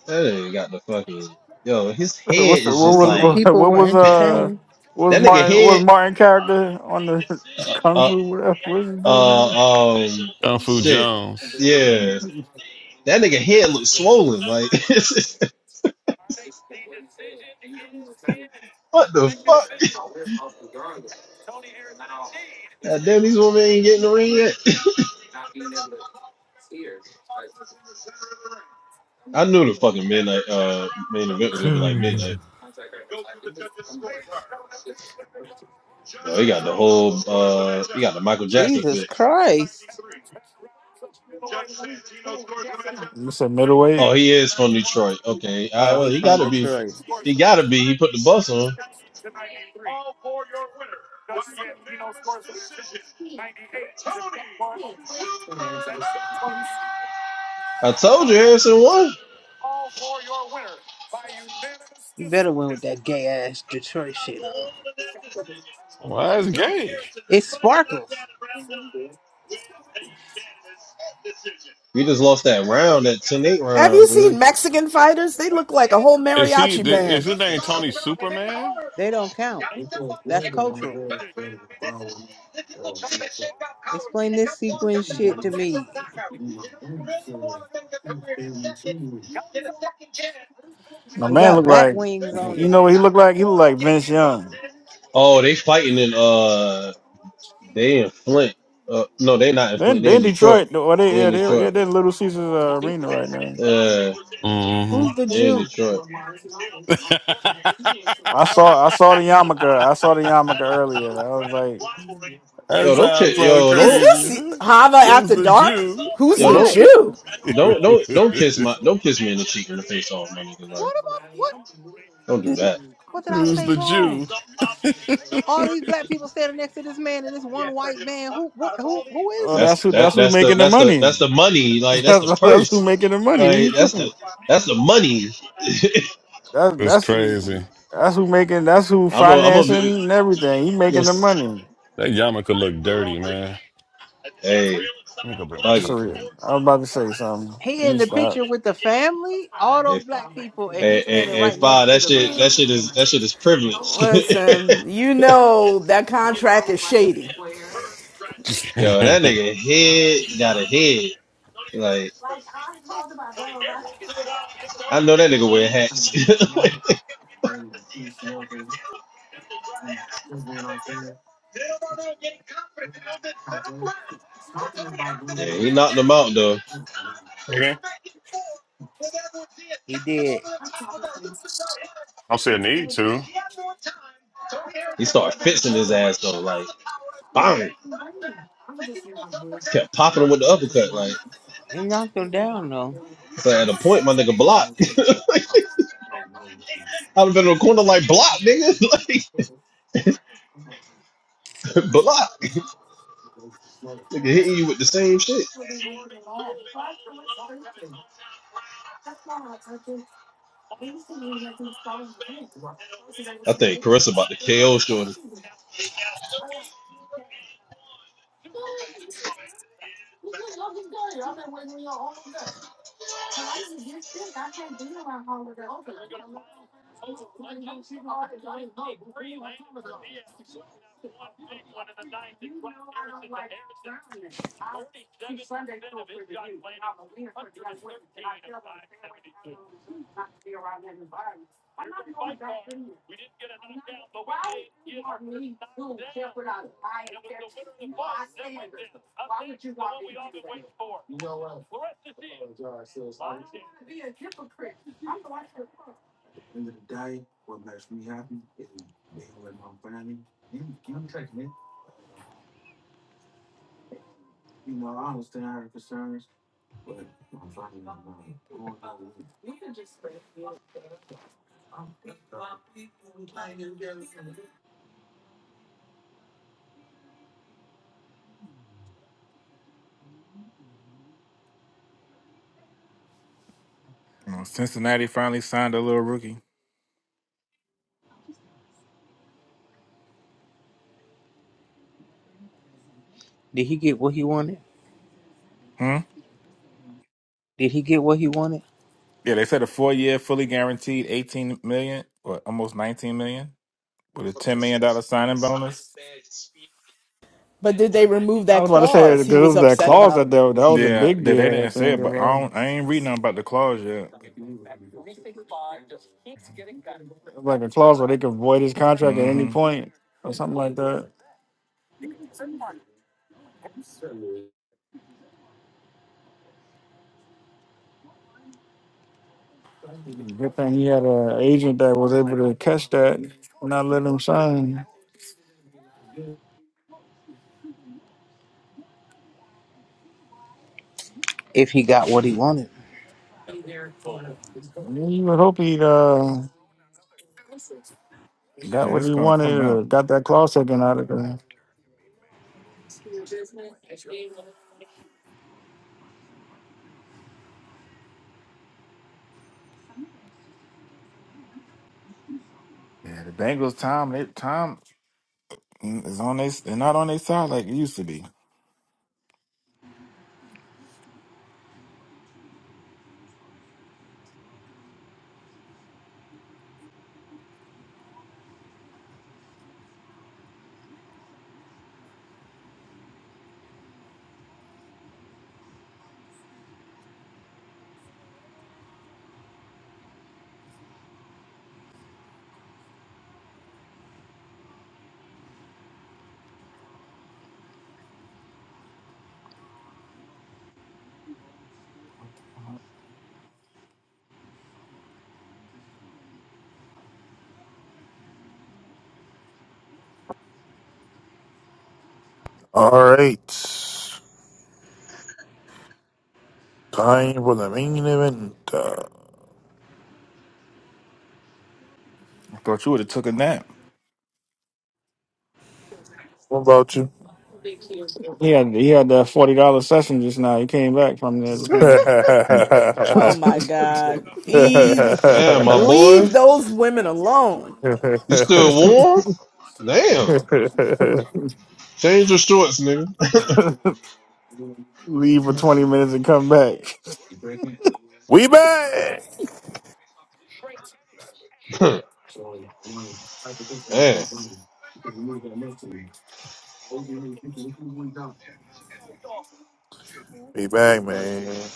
that ain't got the fucking yo his
What's the,
head
what's the,
is
I
what
just
was
mean, the
like
what,
people
what
were
was uh
entertained.
what was
that nigga
Martin what
head
was Martin character on the Kung
Uh, uh,
Fu whatever what's the dude nigga?
Uh, um,
Kung Fu
shit.
Jones.
mhm.
Yeah, that nigga head looks swollen. Like, what the fuck? God damn, these women ain't getting the ring yet. I knew the fucking midnight uh main event was gonna be like midnight. Yo, he got the whole uh, he got the Michael Jackson
Jesus
fit.
Christ!
You said middleweight.
Oh, he is from Detroit. Okay, all
Oh,
right, well,
he
he
from
gotta be.
Detroit.
He gotta be. He put the bus on. I told you Harrison won.
You better win with that gay ass Detroit shit on.
Why is he gay?
It sparkles.
We just lost that round, that 10-8
Have
round.
you
I mean,
seen Mexican fighters? They look like a whole
Is he?
mariachi
Is
band.
his name Tony Superman?
They don't count. That's cultural. Explain this sequin shit to me.
My
It
man
got
looked
bat
like
wings on
you
it.
know what he looked like? He looked like Vince Young.
Oh, they fighting in uh they in Flint. Uh no, they not in Flint,
Then
they
they
in
in
Detroit.
Detroit though, or they
They in
yeah they they're
Detroit.
they're in Little Caesars uh, arena right now.
Uh
hmm
Who's the
they in
Jew?
Detroit.
that
I saw I saw the yarmulke. I saw the yarmulke earlier. I was like,
Yo, don't
sounds
kiss
so
yo,
Is
don't
crazy.
this
Who-
Hava
Who's
after
the
dark?
Jew?
Who's
yo,
the
What?
don't
Jew?
don't don't don't kiss my don't kiss me in the cheek in the face off, my nigga, man.
What about what?
Don't do that.
What did I
Who's
say
the Jew?
wrong? All these black people standing next to this man and this one white man. Who? What? Who? Who is
oh
he?
that's
That's
who
that
that's who's
that's the
making the
that's the that's
money.
the money. Like that's
That's,
the
that's
purse.
who making the money. What
Like
you
that's the
thinking?
that's the money.
That's
It's
that's the
crazy.
that's who making that's who
I'm a I'm a
financing
you
and everything. He
know,
making the money.
That yarmulke look dirty, man.
hey
Let me go bring my
fuck
That's a
it.
truck in.
real. I was about to say something. Let
He in
me
the
stop.
picture with the family, all those
If
black people, and
and,
he's
and,
standing
and
right next
five
to
that
the
shit
man.
that shit is that shit is privilege.
Listen, you know that contract is shady.
Yo, that nigga head got a head. Like I know that nigga wear hats. yeah, he knocked them out though.
okay.
He did.
I'll say I don't see a need to.
He started fixing his ass though, like bang. Kept popping him with the uppercut, like.
He knocked him down though.
So at a point, my nigga blocked. I'd have been in the corner like block, nigga, like block. Nigga hitting you with the same shit. I think Carissa about to KO shorty.
Well, Cincinnati finally signed a little rookie.
Did he get what he wanted?
Hmm.
Did he get what he wanted?
Yeah, they said a four-year, fully guaranteed, eighteen million or almost nineteen million with a ten million dollar signing bonus.
But did they remove
I
that
was about to say
clause
because
he
it
was
was that
upset
clause that
about?
that, that was a
Yeah,
big
they, they
deal. I
didn't say
think
it,
it
but I
was,
don't, I ain't reading nothing about the clause yet.
it was like a clause where they could void his contract at any
hmm
point or something like that. Good thing he had an agent that was able to catch that and not let him sign.
If he got what he wanted.
You would hope he uh,
Yeah,
got what
it's
he
gonna
wanted
come
or
out.
got that clause taken out of there.
Yeah, the Bengals, Tom, they Tom. Mm, It's on they, they're not on their side like it used to be.
All right. Time for the main event. Uh,
I thought you would have took a nap.
what about you?
He had he had that forty dollar session just now. He came back from there.
Let
we
Mm,
Oh
Just
my
now.
God. E-
Damn, my boy,
leave those women alone.
you still warm?
mm,
Damn, change your shorts, nigga.
Leave for twenty minutes and come back.
back.
Damn.
We back, man.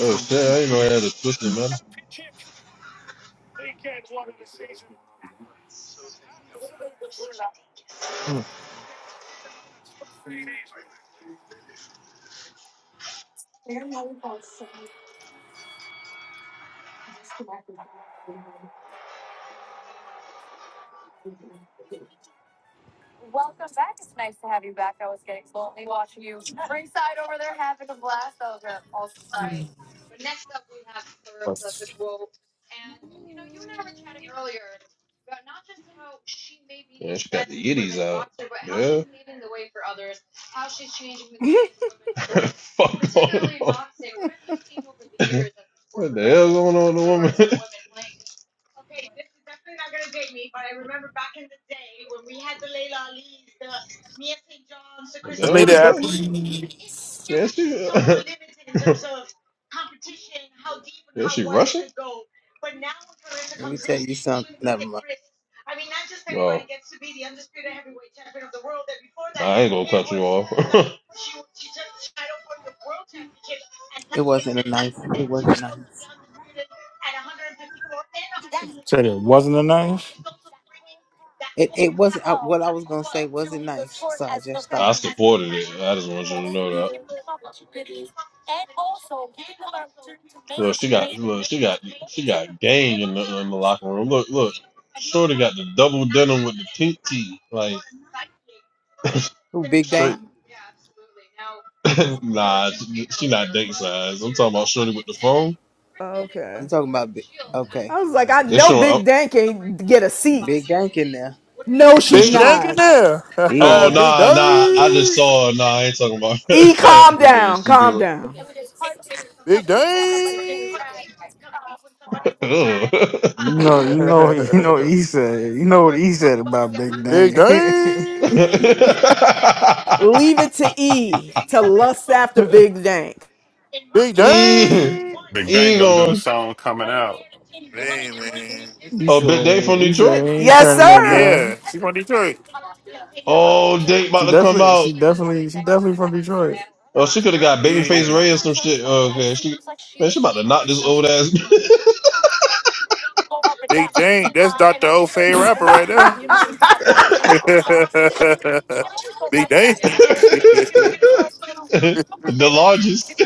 Oh shit, I didn't know I had a twisted man.
Hmm. The
Fuck going hell going woman?
lady out
fuck? Yeah,
me tell you something. Never mind.
No, ain't off.
It wasn't a nice. It wasn't nice.
Said it wasn't a knife.
It it wasn't uh, what I was gonna say. Wasn't nice. So I just
I
stopped.
supported it. I just want you to know that. Look, she got look, she got she got gang in the in the locker room. Look, look, Shorty got the double denim with the pink tee, like
Who Big
straight.
Dank?
Mhm.
Nah, she, she not date size. I'm talking about Shorty with the phone.
You
Okay.
talking about Big? Okay,
I was like, I
They
know
showing up.
Big Dan can't get a seat.
Big Dank in there.
No,
They
she's
Big
show.
Dank in
not.
there.
He in
Oh
there.
Big
nah nah, I just
Dank.
saw. Nah, I ain't talking about.
E, calm
yeah,
down,
she do
calm
it.
down.
Big Dank.
has
You know, you know, you know. What he said, you know what he said about Big
Big
Dang. he
Dank.
Leave it to E to lust after
said,
Big Dank.
Big
E,
Dank.
Big Bang
E
gonna do the song coming out.
Hey, man.
he
bit date
said
from Detroit.
he ain't
Yes,
turning that
sir.
Yeah.
down.
She from Detroit.
Oh, date
She
about to come
definitely,
out.
she definitely, she definitely from Detroit.
Oh, she could have got babyface
Yeah.
Ray or some shit. Oh, okay, she man, she about to knock this old ass.
Big Dank. That's Dr. O'Fay rapper right there. Big Dank.
the largest.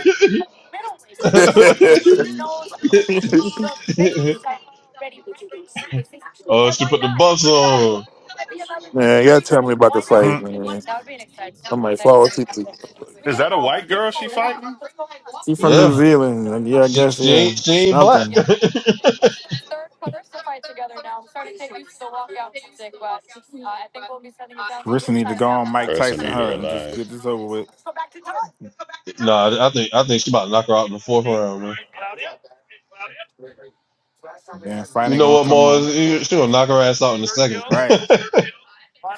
Oh, she put the bus on.
man, y'all tell me about the fight,
mm.
man. I might fall asleep.
Is that a white girl she fighting?
She from New
Yeah.
Zealand. Like, Yeah, I
She,
guess.
she
Yeah,
ain't she ain't black.
something.
Carissa need to go on Mike
Clarissa
Tyson,
need to
huh, and just
rely.
get this over with.
nah, I think I think she about to knock her out in the fourth round, man.
Then fight
You
ain't
know
gonna
what,
come on.
Mars? She gonna knock her ass out in a second. Damn,
Right,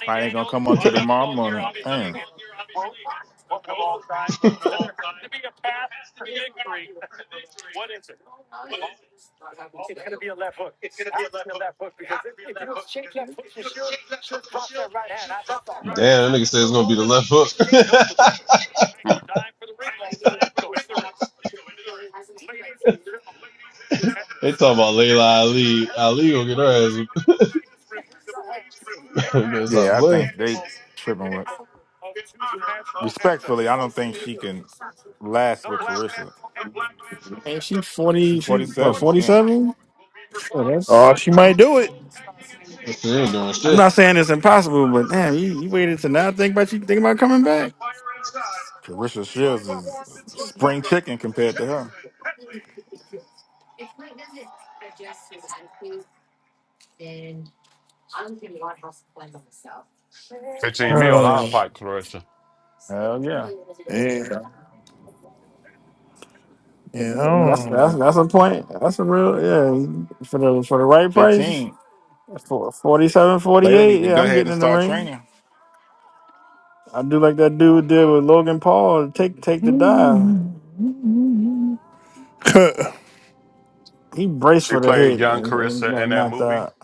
fight ain't gonna come on till tomorrow morning. Damn.
that nigga said it's gonna be the left hook. they talking about Layla Ali. Ali gonna get her ass. Better stop
Yeah, I
playing.
think they tripping with. Respectfully, I don't think she can last with Carissa.
Ain't she
She
forty? She
forty
what?
seven.
Forty
Yeah,
seven? Oh, that's
Oh, she might do it.
She ain't doing
I'm
shit.
not saying it's impossible, but damn, you, you waited to now think about you thinking about coming back.
Carissa Shields is spring chicken compared to her.
15 mil,
Uh,
I'll fight Clarissa.
Hell yeah,
yeah, yeah. I
That's that's
don't
that's a point. That's a real yeah. For the for the right price,
fifteen.
for 47,
Layla
48.
need to
yeah,
go
I'm
ahead
getting
and
in the
start
ring.
training.
I do like that dude did with Logan Paul. Take take the dive.
know.
He braced
She
for the
played
hit
young
and, and
Clarissa
got
in that
knocked
movie.
out.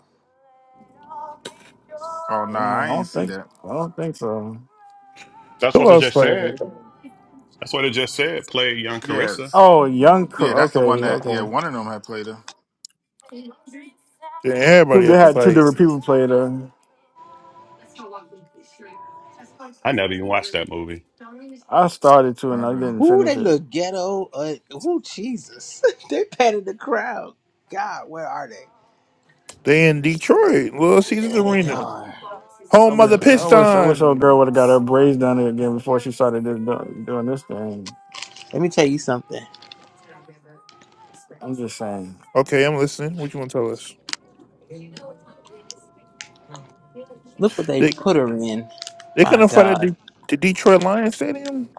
Oh nah,
Yeah, I
I ain't
don't
see
think
that.
I don't think so.
That's what
Who
was
else
just said.
fighting?
That's what it just said. Play Young
Yeah,
Carissa.
Oh, young.
Yeah,
Cro-
that's
Okay,
the one that. Yeah,
okay.
one of them had played her.
Damn,
'Cause
everybody
They
had to
had two
fight.
different people play there.
I never even watched that movie.
I started to
I
and I
do.
didn't
Ooh, they
finish it.
look ghetto. Uh, ooh, Jesus. they patted the crowd. God, where are they?
They in Detroit, Little Caesars
Yeah, they
Arena,
are.
I
home of
wish,
the
I wish, I wish old
Piston.
girl would have got her braids done again before she started this, doing this thing.
Let me tell you something.
I'm just saying,
Okay, I'm listening. What you want to tell us?
Look what they
They
put her in.
they
My
couldn't fight at
God.
the, the Detroit Lions Stadium.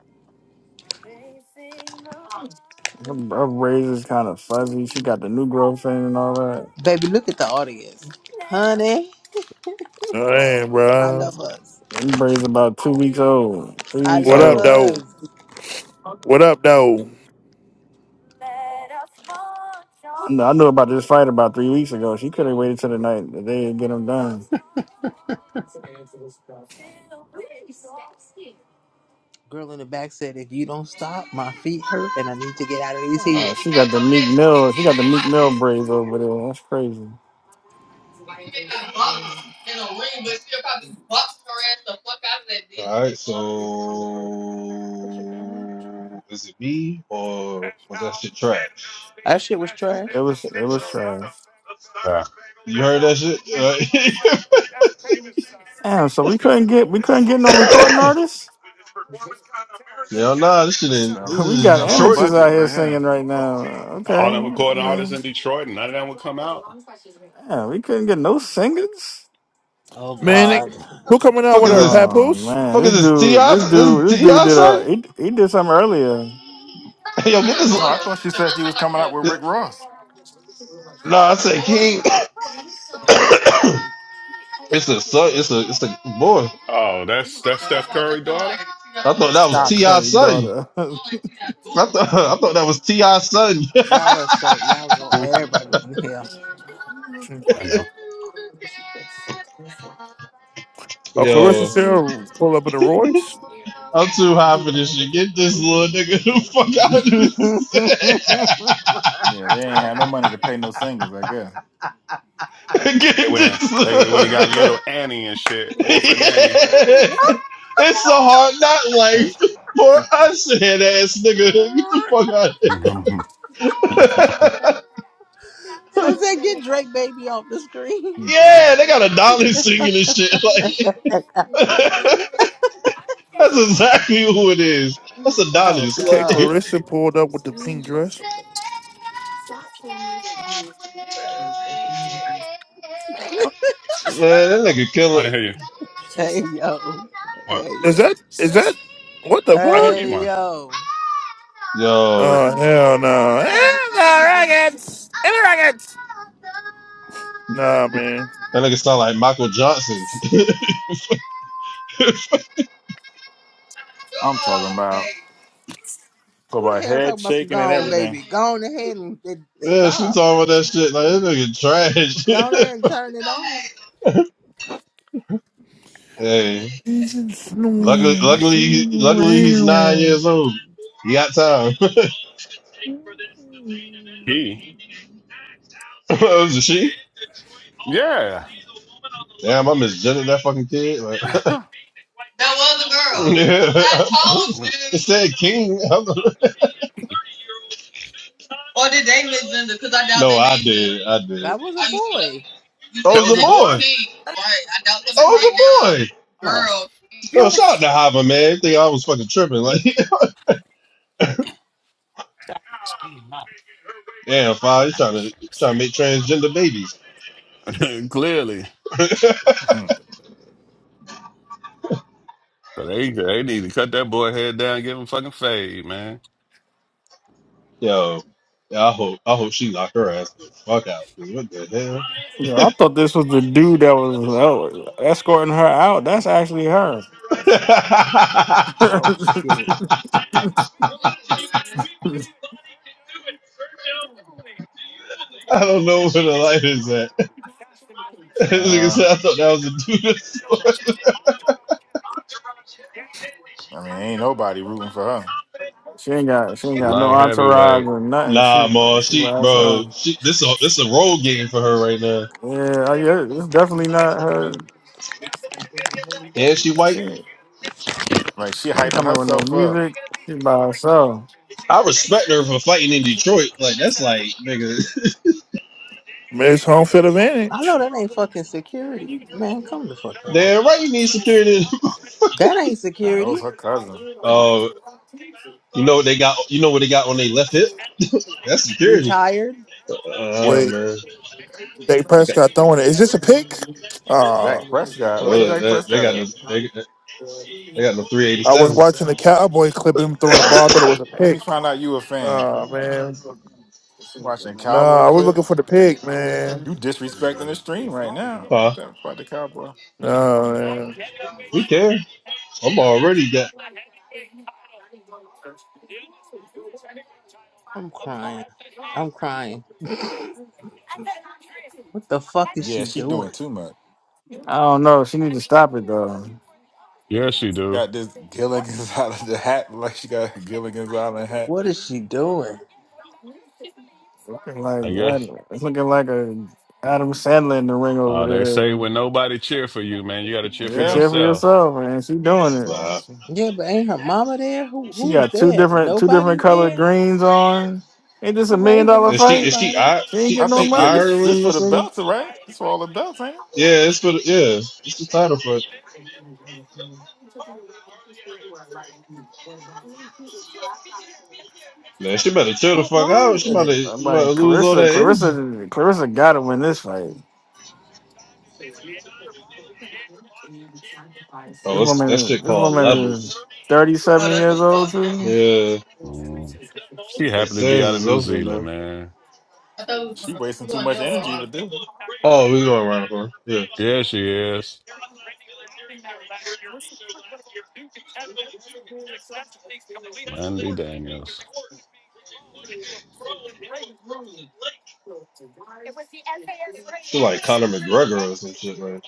her, her braids is kind of fuzzy. She got the new growth in and all that.
Baby, look at the audience. Honey,
Oh, damn,
I
bro.
love us.
Them braids about two weeks old, three
I
weeks
What
love
up,
old.
though?
us.
What up, though?
I knew, I knew about this fight about three weeks ago. She could have waited till the night the day to get them done.
Girl in the back said, if you don't stop, my feet hurt and I need to get out of these
Uh,
heels.
she got the Meek Mill. She got the Meek Mill braids over there. That's crazy.
All right, so is it me or was that shit trash?
That shit was
It
trash.
was
Uh,
it was trash.
Yeah.
you heard that shit? Right?
Damn, so we couldn't get we couldn't get no recording artists.
Hell nah, this shit
It's
in this
that,
We
it's
got
is
that low
Detroit.
amateurs out
budget
here
right here.
singing right now. Okay,
All them
I
recording artists
mean,
in Detroit, and none of them would come out.
yeah, we couldn't get no singers.
Oh,
Man, they,
God.
who coming out
Fuck
with
is
her?
this?
Oh
Papoose?
man,
Fuck
this
is this Ti?
dude, this
This is
dude, this dude
Ti
did a
son?
he, he did something earlier.
Yo, get this.
No, I thought she said she was coming out with
this
Rick Ross.
Nah, I said King. it's a son. It's a it's a boy.
Oh, that's that's Steph Curry daughter.
I thought that was
Steph
Stop it.
Curry
T.I.'s son.
daughter.
I thought I thought that was T.I.'s son.
Y'all are so, y'all go,
Hmm,
everybody going
I know.
Oh, Clarissa
Yo,
Sarah pulled up in a Royce.
I'm too high for this shit. Get this little nigga the fuck out of this.
to hell.
Yeah, they ain't have no money to pay no singers. I guess.
They
Get
went in.
this
They
little
when he got
nigga.
little Annie and shit, orphan Annie.
Yeah. It's a hard not life for us, head ass nigga. Get the fuck out
Mhm.
of here.
Since Sensei, get Drake baby off the
Yeah.
screen.
yeah, they got a dolly singing and shit. like. That's exactly who it is. That's
Oh
Adonis.
Okay,
God.
Clarissa pulled up with the pink dress.
Huh?
Like, Man, that nigga
I
killer.
didn't hear you.
Hey yo.
What?
Hey
Is
yo.
that is that what the
I didn't eat
fuck?
Hey
one.
yo.
Yo.
Oh hell no! Hell no, Rockets! Give me Rockets! Nah, man.
That nigga sound like Michael Johnson.
I'm talking about for
Who
my
the hell talking
head
about some
shaking and
gone
everything.
baby? Go on ahead and and
yeah, she
stop.
talking about that shit. Like, that
Go
nigga
on
trash.
ahead and turn it off.
hey.
Jesus,
Luckily,
no.
luckily, luckily, he's nine years old. He got time.
He.
Oh, Is it was a she?
Yeah.
Damn, I misgendered that fucking kid. Like, That
that
was a girl. yeah. I told you. It said King. no, I did. I did.
That was a boy.
You Oh,
was
it was the name was a that
a boy.
boy. was King, Oh, it was a boy.
Huh.
Oh, shout out to Hava, man. Think I was fucking tripping. Like, damn, five, you trying to trying to make transgender babies.
Clearly.
Mhm.
So they they need to cut that boy head down, and give him fucking fade, man.
Yo, yeah, I hope I hope she locked her ass the fuck out. dude. What the
Yeah, I
hell?
thought this was the dude that was oh, escorting her out. That's actually her.
I
Oh shit.
don't know where the light is at. Nigga
uh,
said, I thought that was a dude.
I mean, ain't nobody rooting for her.
she ain't got she ain't got no
Light
entourage
heavyweight.
or nothing.
Nah, ma,
She she by
she bro,
herself.
she this a this a role game for her right now.
Yeah, uh, yeah, it's definitely not her.
And she white.
She,
Like she
she ain't
hyping
coming with no
herself up.
music. She by herself.
I respect her for fighting in Detroit. Like that's like nigga.
Miss home field
I
advantage.
know that ain't fucking security. Man, come the fuck on.
Damn right, you need security.
That ain't
Nah, that was
security.
her cousin,
Oh, you know what they got? You know what they got on their left hip? That's security.
Retired.
Oh
Wait,
man,
Dak
they got,
Prescott throwing it. Is this a pick? Ah,
Dak Prescott. Where
oh,
okay.
Dak
they, they
Prescott
got
at?
the they, they got the three eighty
I was
seven.
watching the Cowboy clip of him throwing the ball. I thought it was a
Let me
pick.
find out you a fan.
Oh man.
Watching cowboy
Nah, I was looking
clips.
for the pig, man.
You disrespecting the stream right now
Huh?
about the cowboy.
Nah, man.
We can. I'm already got.
I'm crying. I'm crying. What the fuck is she
Yeah, she doing
doing?
too much.
I don't know. She need to stop it though.
Yes, you do.
Got this Gilligan's Island the hat like she got a Gilligan's Island hat.
What is she doing?
Looking like
I guess
Adam, it's looking like a Adam Sandler in the ring over
uh, they
there.
say
You
when nobody cheer for you, man, you got to cheer for
can
Yeah,
cheer for
yourself.
yourself, man. She doing
that's
it.
all I
Nah.
see.
Yeah, but ain't her mama there? Who
She
who is
got two
there?
different two different
Nobody's
colored
there.
greens on. Ain't
She
this a million
waving
dollar
at
Is she is
fight?
she
somebody.
I
She ain't
she
I
getting no
think
she
yeah,
money.
this this
Ireland or
for the
something?
belts, right? This for all the belts, ain't it?
Yeah, it's for the yeah. It's the title for it. Man, she better chill the
What
fuck out.
wrong
She
with
about
it?
to,
I'm
she about to
like
lose all
Clarissa,
that energy.
Clarissa, Clarissa got to win this fight. This
Oh, it's, that
woman,
shit
this
called
woman is
levels.
37 years old too.
Yeah,
Mm. She
the
happy to be
series
out of
is
New
over
Zealand,
now.
man.
She wasting too much energy with this.
Oh, we going around the corner. Yeah,
Yeah, she is. Landy Daniels.
she like Conor McGregor or some shit man.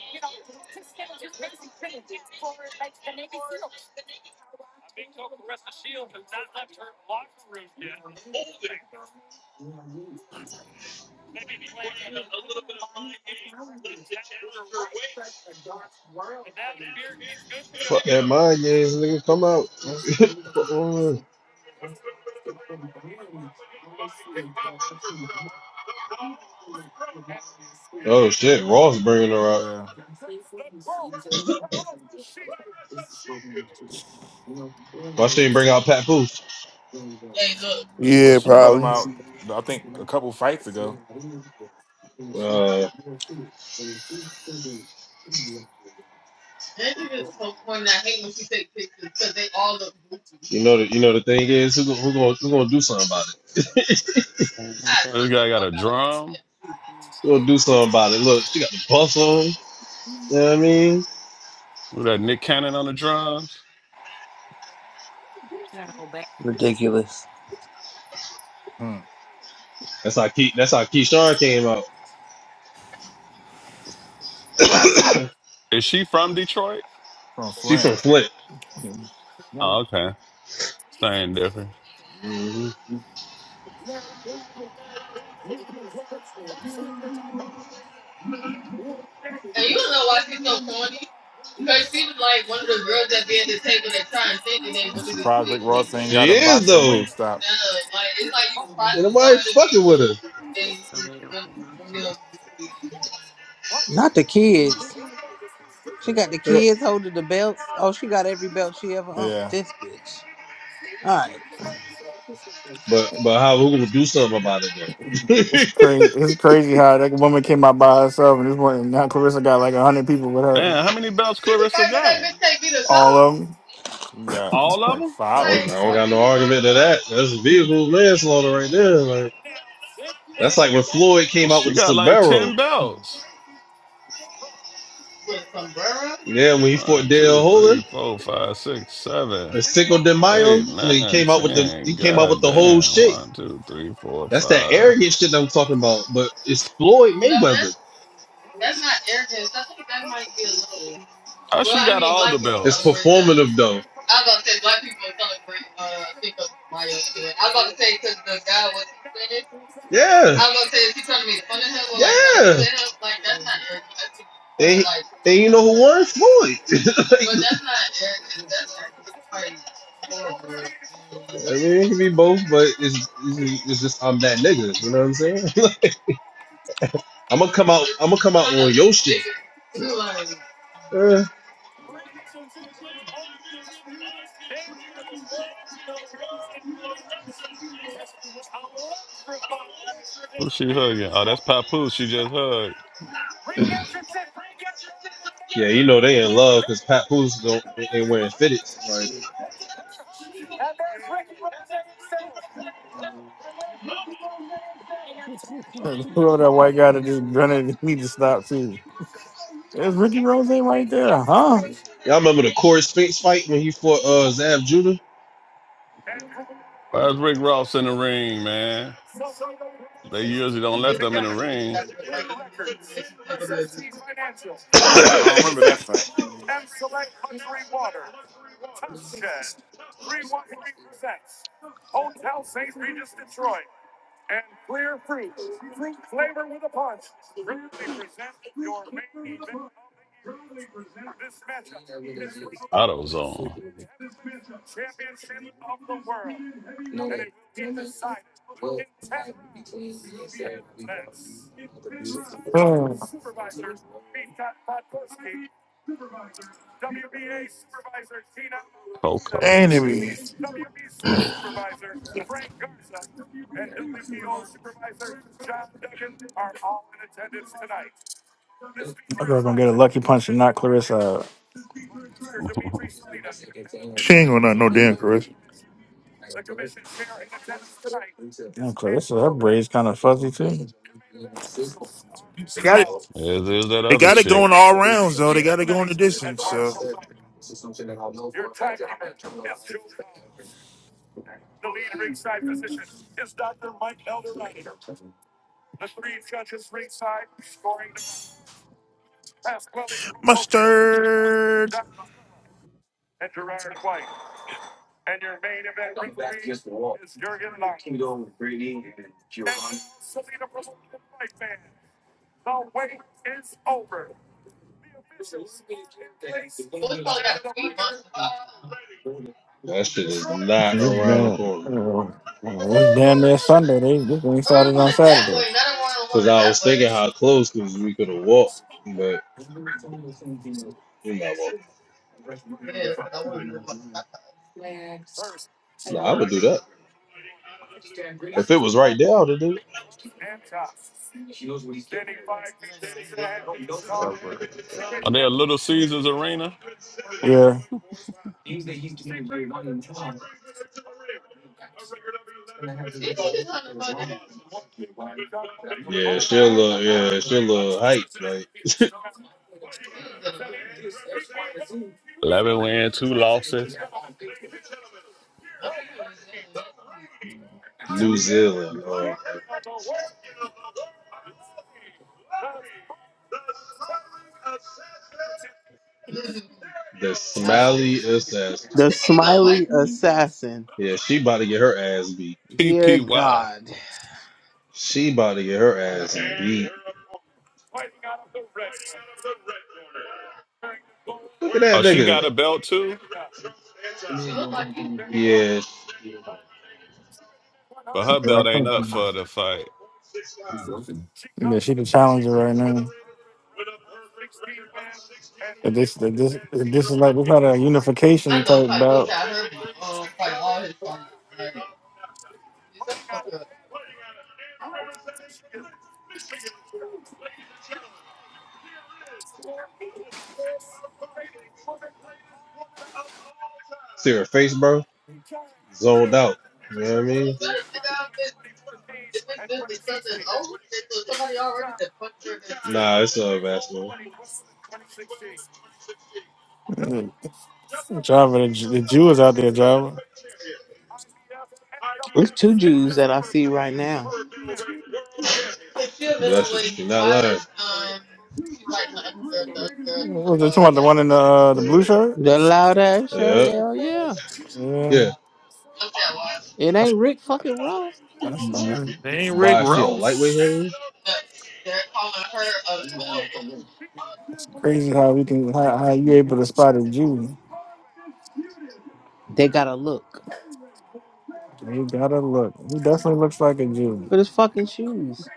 Fuck that mind games, nigga. Come out. oh shit, Raw's bringing her out.
Yeah.
Why she ain't bring out Pat Booth?
Well,
Yeah,
she brought him
probably.
out. I think a couple fights ago
Uh, you know the you know the thing is, who gon- who gonna who gonna do something about it?
This guy got a drum.
We'll do something about it. Look, she got the buff on. You know what I mean?
Was that Nick Cannon on the drums?
Ridiculous.
hmm,
That's how Key, that's how Keyshawn came out.
Is she from Detroit?
from
she
Flint.
from Flint.
Oh, okay. Same difference.
hmm that be
I'm surprised Rick Ross ain't got
She
a
is
box of
though. No,
Wingstop.
Ain't nobody fucking with
Not the kids. She got the
her.
kids holding the belts. Oh, she got every belt she ever owned.
Yeah,
This bitch. All right.
But but how we gonna do something about it then?
It's crazy. It's crazy how that woman came out by herself, and this one now Clarissa got like 100 people with her.
Damn, how many belts Clarissa got?
All of
she got
them.
All of
like
them?
I, don't,
five of
I
them or
don't got
something.
no argument to that. it? That's vehicle manslaughter right there. Like that's like when Floyd came out
She
with the
got like
Sibero.
10 belts.
Yeah, when he
One,
fought Dale
two,
Holden.
three, four, five, six, seven.
a Cinco de Mayo,
Eight,
and he
nine,
came out with the he
ten.
came out with
God
the whole
damn.
shit.
One, two, three, four,
That's that
five.
arrogant shit that I'm talking about. But it's Floyd No, Mayweather. Well, that's-
How she
well, I
got
mean,
all the
black people. It's
belts?
celebrate that. performative though. Yeah. I was gonna say, is he trying to make fun of him? Or yeah. Like, trying to say him? like that's not arrogant. That's just and, performing he- like, and you know who won? Floyd. but Like- that's not arrogant. That's arrogant. I mean, it can be both, but it's, it's, it's just I'm that nigga. You know what I'm saying? I'm gonna come out. I'm gonna come out on your shit. Yeah.
Who's she hugging? Oh, that's Papoose. She just hugged.
Yeah, you know they in love because Pat Pools don't ain't wearing fitteds. Like
Whoever that white guy that just grunted, he need to stop too. There's Ricky Rose right there, huh?
y'all remember the Corey Spinks fight when he fought uh Zav Judah?
Why is Rick Ross in the ring, man? They usually don't let them in the ring.
No, I don't remember that
that
fight.
AutoZone.
Oh,
Coco.
and it be,
I girl gonna get a lucky punch and not Clarissa.
she ain't gonna not no damn Chris.
Damn, Clarissa, her braids kind of fuzzy too.
They got it.
As is that
They
other
got it
chick.
going all rounds though. They got it going the distance. So mustard
shit is not
This
around the
damn,
corner.
this damn near Sunday. They this ain't started on Saturday.
Because I was thinking how close because we could have walked, but we not walking. Nah, I would do that if it was right there. I would do it.
cover.
Are they a Little Caesars Arena?
Yeah,
Yeah, she a little, yeah, she a little hype. Like
11 wins, two losses.
New Zealand. Um, the smiley assassin.
The smiley assassin.
Yeah, she about to get her ass beat.
Dear
PPY.
God.
She about to get her ass beat. Look at that
Oh, she
nigga.
got a belt too,
Yeah,
but her
yeah, I
belt ain't
think
up for the fight.
yeah, she the challenger right now. If this, if this, if this is like this not a unification type bout.
See her face, bro? Zoned out. You know what I mean? Nah, it's a basketball.
Yeah. Java, the, Jew- the Jew is out there. Java,
It's two Jews that I see right now.
Bless you. not lying.
what was it talking about the one in the uh, the blue
So,
shirt?
The loud ass shirt,
yeah.
hell yeah.
Yeah,
Yeah.
It ain't Rick fucking Ross. What the
that's,
fuck?
that's,
Mhm.
They ain't Rick
Why is she a lightweight
Ross.
heavyweight?
It's Crazy how we can how, how you able to spot a Jew.
They gotta look.
You gotta look. He definitely looks like a Jew.
but at his fucking shoes.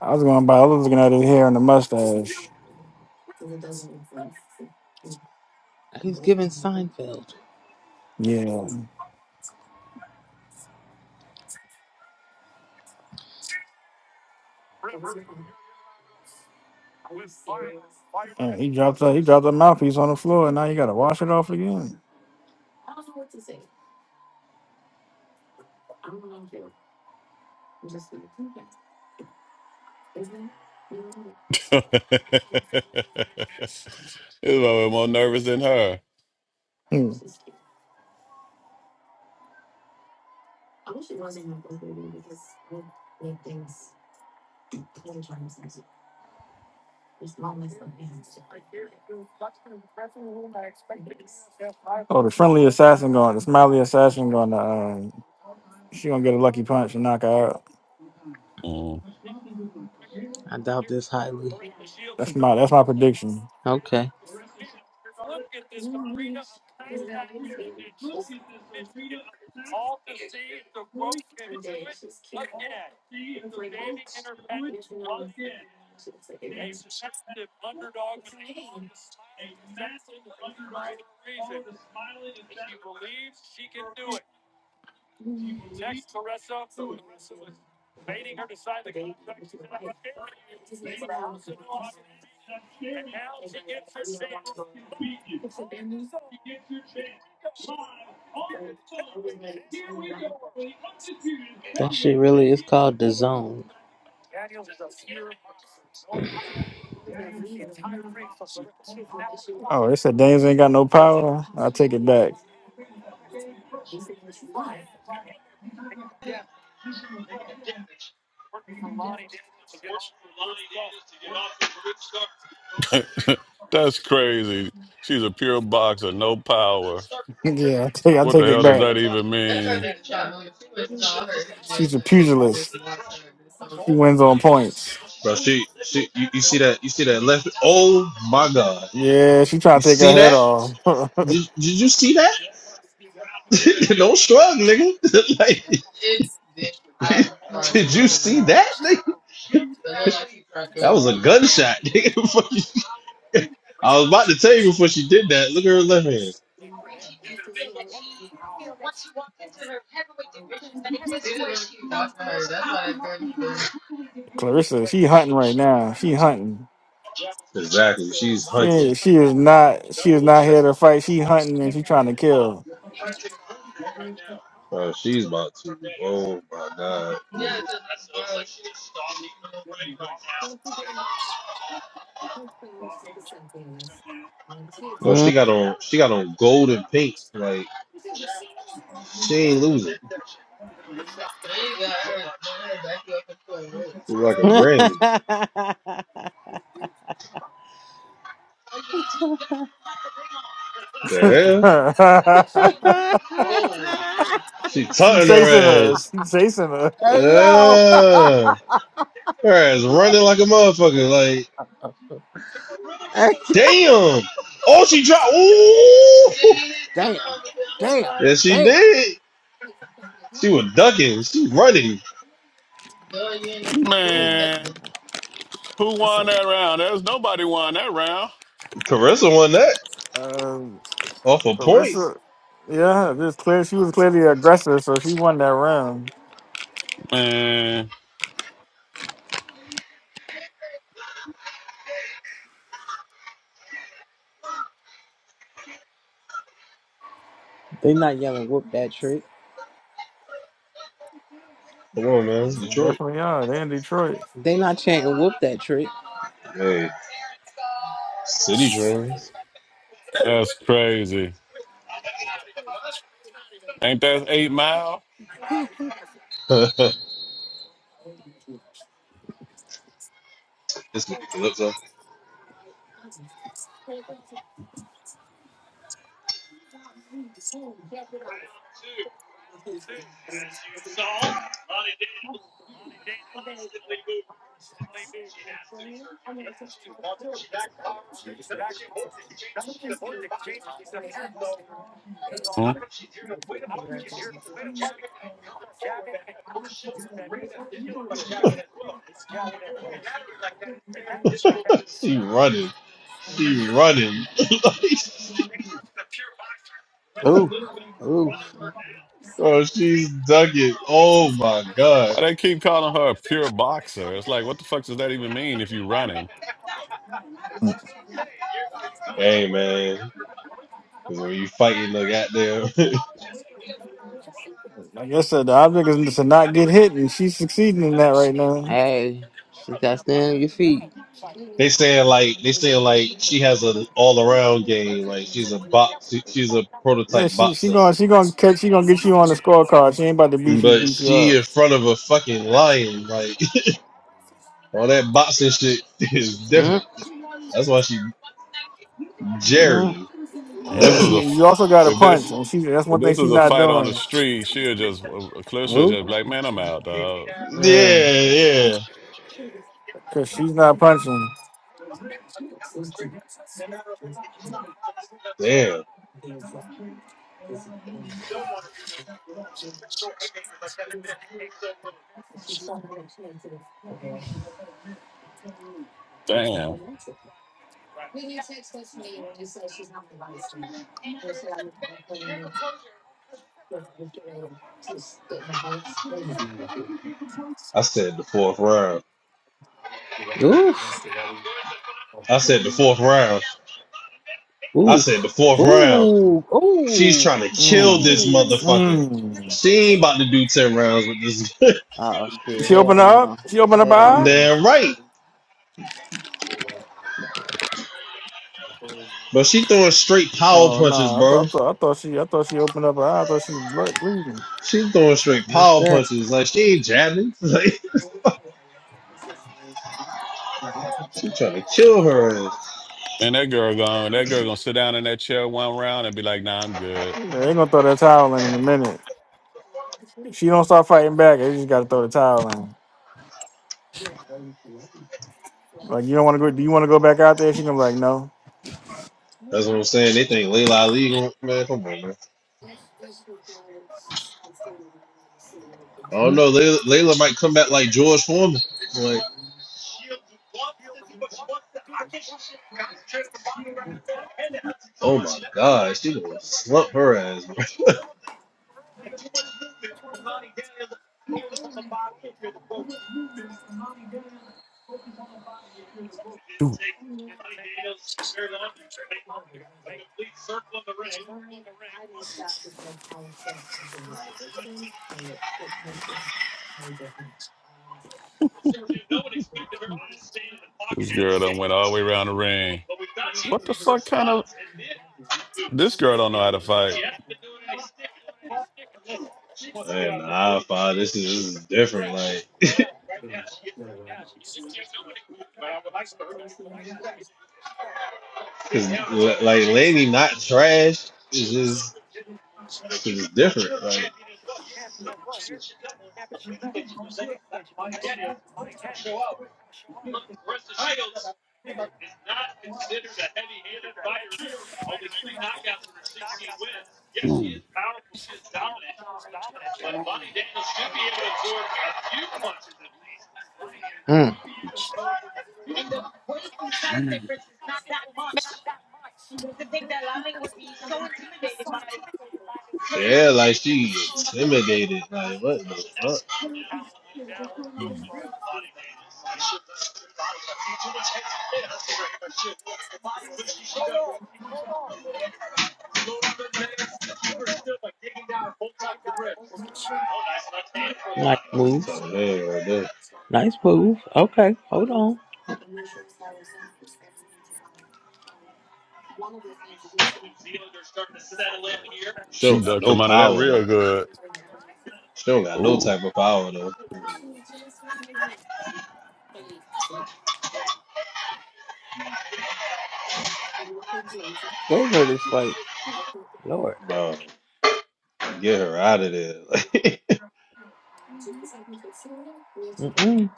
I was going by. I was looking at his hair and the mustache.
He's giving Seinfeld.
Yeah, Yeah, he dropped a, he dropped a mouthpiece on the floor, and now you gotta wash it off again.
He's was more nervous than her.
Hmm. Oh, the friendly assassin going, the smiley assassin going. to Uh, she gonna get a lucky punch and knock her out.
Mm.
I doubt this highly.
That's my that's my prediction.
Okay. That shit really is called the zone.
Oh, they said Dames ain't got no power. I take it back.
That's crazy. She's a pure boxer, no power.
yeah, I take I
What the
take it
hell does
back.
that even mean?
She's a pugilist. She wins on points.
Bro, she, she you, you see that you see that left oh my god.
Yeah, she trying
You
to take her
see
head
that?
off.
Did, did you see that? Don't shrug, nigga. like did you see that, nigga? That was a gunshot, nigga. Fuck you. I was about to tell you before she did that. Look at her left hand.
Clarissa, she hunting right now. She hunting.
Exactly. She's
Yeah,
hunting.
she is not. She is not here to fight. She hunting and she trying to kill.
Uh, she's about to. Oh my god. But she
Mm.
got on. She got on golden pink. Like she ain't losing. She's like a
hey
granny.
she
The hell? She taunting
chasing
her ass.
us. She chasing us.
yo!
Uh, her ass running like a motherfucker. Like
hey,
damn. Oh, she dropped. Ooh.
damn, damn,
Yes, she
damn!
did. She was ducking. She running.
Mm,
Man, who
That's
won
it.
that round? There's nobody won that round.
Carissa won that off of points.
Clarissa, yeah, just clear. She was clearly aggressive, so she won that round.
Man,
They not yelling "whoop that trick."
Come on, man. It's
They
Detroit.
definitely are. They're in Detroit.
They not chanting "whoop that trick."
Hey, city drones.
that's crazy. Ain't that eight mile?
this is Calypso.
Hmm?
she running. She running.
Oof, oof.
oh, she's ducking. Oh my god.
Why they keep calling her a pure boxer? It's like, what the fuck does that even mean if you running?
Hey man, because when you fighting the goddamn,
Like I said, the object is to not get hit, and she's succeeding in that right now.
Hey, she got to stand on your feet.
they saying like they saying like she has an all around game. Like she's a box. she- she's a
Yeah,
prototype
she she
boxer,
gonna she gonna catch she gonna get you on the scorecard. She ain't about to beat you
but
beat you
she
up.
in front of a fucking lion. Like All that boxing shit is different.
Mm,
That's why she
mm.
Jerry.
If
Yeah,
this
but she
was a, f-
you also got to
if this
punch, and she that's
If
one thing
this
she's
was a
not
fight on the
doing.
street, she'll just Clarissa would
Oof,
just be like, man, I'm out, dog.
Yeah,
Yeah, yeah.
cause she's not punching.
Damn.
Damn.
I said the fourth round.
oof.
I said the fourth round. I said the
Oof.
fourth round.
Ooh.
She's
Ooh.
trying to kill this
Mm.
Ooh.
motherfucker.
Mm.
She ain't about to do 10 rounds with this.
Oh shit.
She opened
Hell
up.
no.
She opened up her
Hell
eye.
no.
Damn right. But she throwing straight power
Oh
punches,
no! I thought
bro.
I thought, I thought she I thought she opened up her eye. I thought she was blood bleeding.
She throwing straight
Not
power
that.
punches. Like, she ain't jabbing. Like, she trying to kill her ass.
And that girl gone. That girl gonna sit down in that chair one round and be like, nah, I'm good.
Yeah, they gonna throw that towel in in a minute. She don't start fighting back. They just gotta throw the towel in. Like you don't want to go. Do you want to go back out there? She gonna be like no.
That's what I'm saying. They think Layla Ali going man, come on, man. I don't know. Layla, Layla might come back like George Foreman. Like Oh my god, she gonna slump her ass.
Dude, This girl done went all the way around the ring. What the fuck kind of this girl don't know how to fight?
man, nah, five. This is, this is different. Like, cause li- like Lady not trash. It's just it's just different. Like
Mm.
Yeah, like she intimidated. Like what the fuck?
Mm.
I
Nice
was
move.
telling her right there.
Nice move. Okay. Hold on.
She
She
don't got
ducked
no
him under that
power though.
real good.
She don't got no
Ooh,
type of power though.
Gave her this fight. Lord.
Bro, get her out of there.
Mm-mm.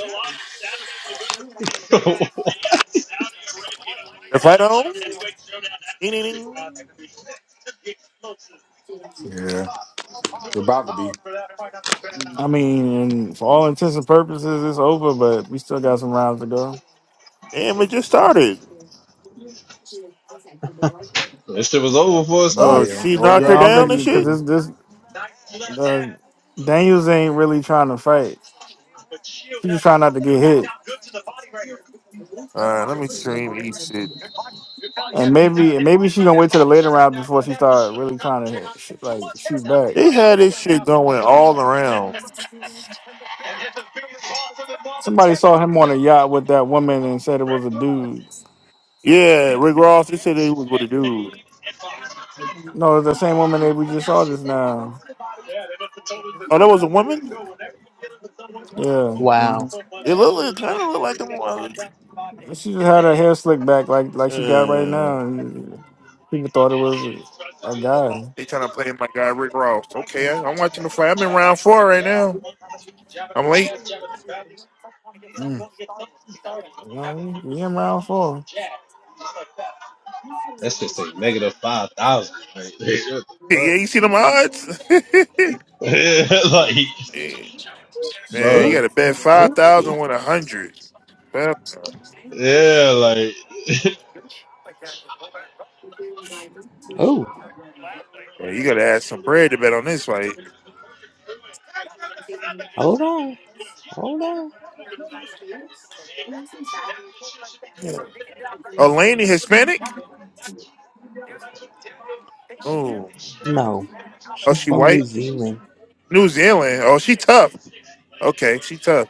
Like,
The fight on. Ding, ding,
Yeah. It's about to be.
ding.
I mean, and for all intents and purposes, it's over, but we still got some rounds to go.
Damn, it just started.
That shit was over before it
Uh,
started.
Yeah.
she
Old
knocked her
Yeah,
girl
I
ain't
don't
ready
think
down and
for
you because
shit.
prison.
this this uh, Daniels ain't really trying to fight. She just trying not to get hit,
All right, let me stream each shit.
and maybe and maybe she gonna wait till the later rounds before she start really trying to hit, sh- like shoot back.
They had this shit going all around.
Somebody saw him on a yacht with that woman and said it was a dude.
Yeah, Rick Ross. They said they was with a dude.
No, it's the same woman that we just saw just now.
Oh, that was a woman.
Yeah.
Mm-hmm.
Wow.
It looked like, kind of looked like a woman.
She just had her hair slicked back like like she got right
Uh,
now, and people thought it was a, a guy.
they trying to play my guy Rick Ross. Okay, I, I'm watching the fly. I'm in round four right now. I'm late.
Mm.
You know what I mean? What You in round four.
That shit say negative five thousand. Like, what
Yeah, you see them odds? Man,
the fuck? Yeah, like,
you
Ooh.
got
bro.
to bet five
Ooh.
thousand with a hundred. Well,
Yeah, like.
Ooh.
Yeah, you got to add some bread to bet on this fight.
Hold on. Hold on.
Yeah. Eleni Hispanic? Oh,
No.
oh,
She's
she
from New
white.
Zealand.
New Zealand. Oh, she tough. Okay, she tough.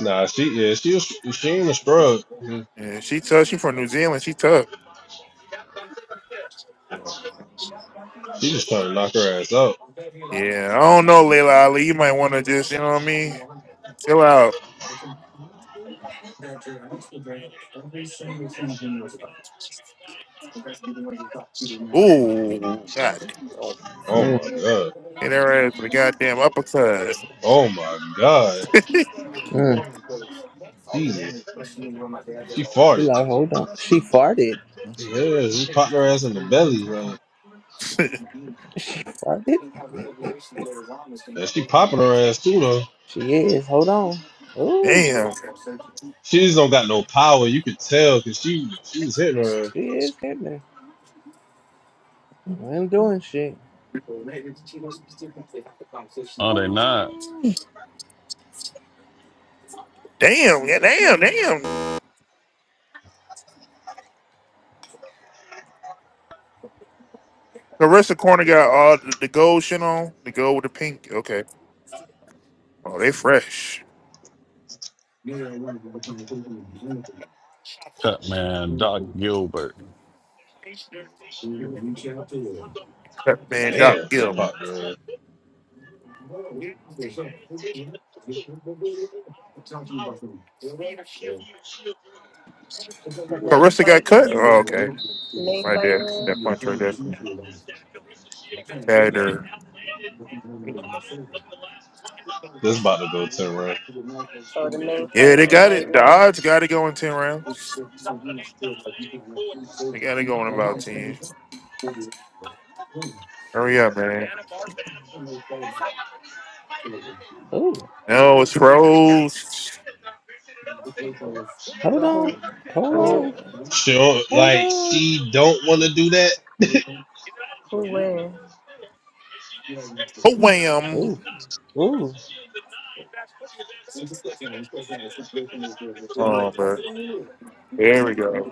Nah, she yeah, she was she ain't a scrub.
Yeah, she tough. She from New Zealand. She tough.
She just trying to knock her ass out.
Yeah, I don't know, Layla Ali. You might want to just, you know what I mean? Chill out. Ooh, God.
Oh
Mm.
my god.
Hit her ass with a goddamn uppercut.
Oh my god.
Mm.
Jesus. She
She
farted.
like, hold on. She farted.
Yeah, she popped her ass in the belly. Like,
She farted?
and she popping her ass too though.
She is. Hold on. Ooh.
damn.
She just don't got no power. You could tell because she she was hitting her.
She is hitting her. I ain't doing shit.
oh they not.
Damn, yeah, damn, damn. Carissa Corner got all the, the gold shit on. The gold with the pink. Okay. Oh, they fresh.
Cut man, Doc Gilbert.
Cut man Doc
Damn, she
Gill.
popped her. ass.
The main
Carissa got
fight,
cut? Oh, okay.
main
Right
fight
there.
on,
That punch right there.
of This step, Clarissa Shields has
Tagged
only been
her.
outlanded in five of the last one hundred. This is about to go ten rounds.
or the main
Yeah,
fight
they
on
got
right
it. The
now.
odds got it going 10 rounds. I gotta go in about 10. Hurry up, man.
Ooh,
No, it's froze.
So,
hold
so
on,
who,
hold
who,
Oh,
on,
Sure,
hold
like
on.
she don't want to do that.
who wins?
oh wham.
Ooh, ooh,
Oh, man. There we go.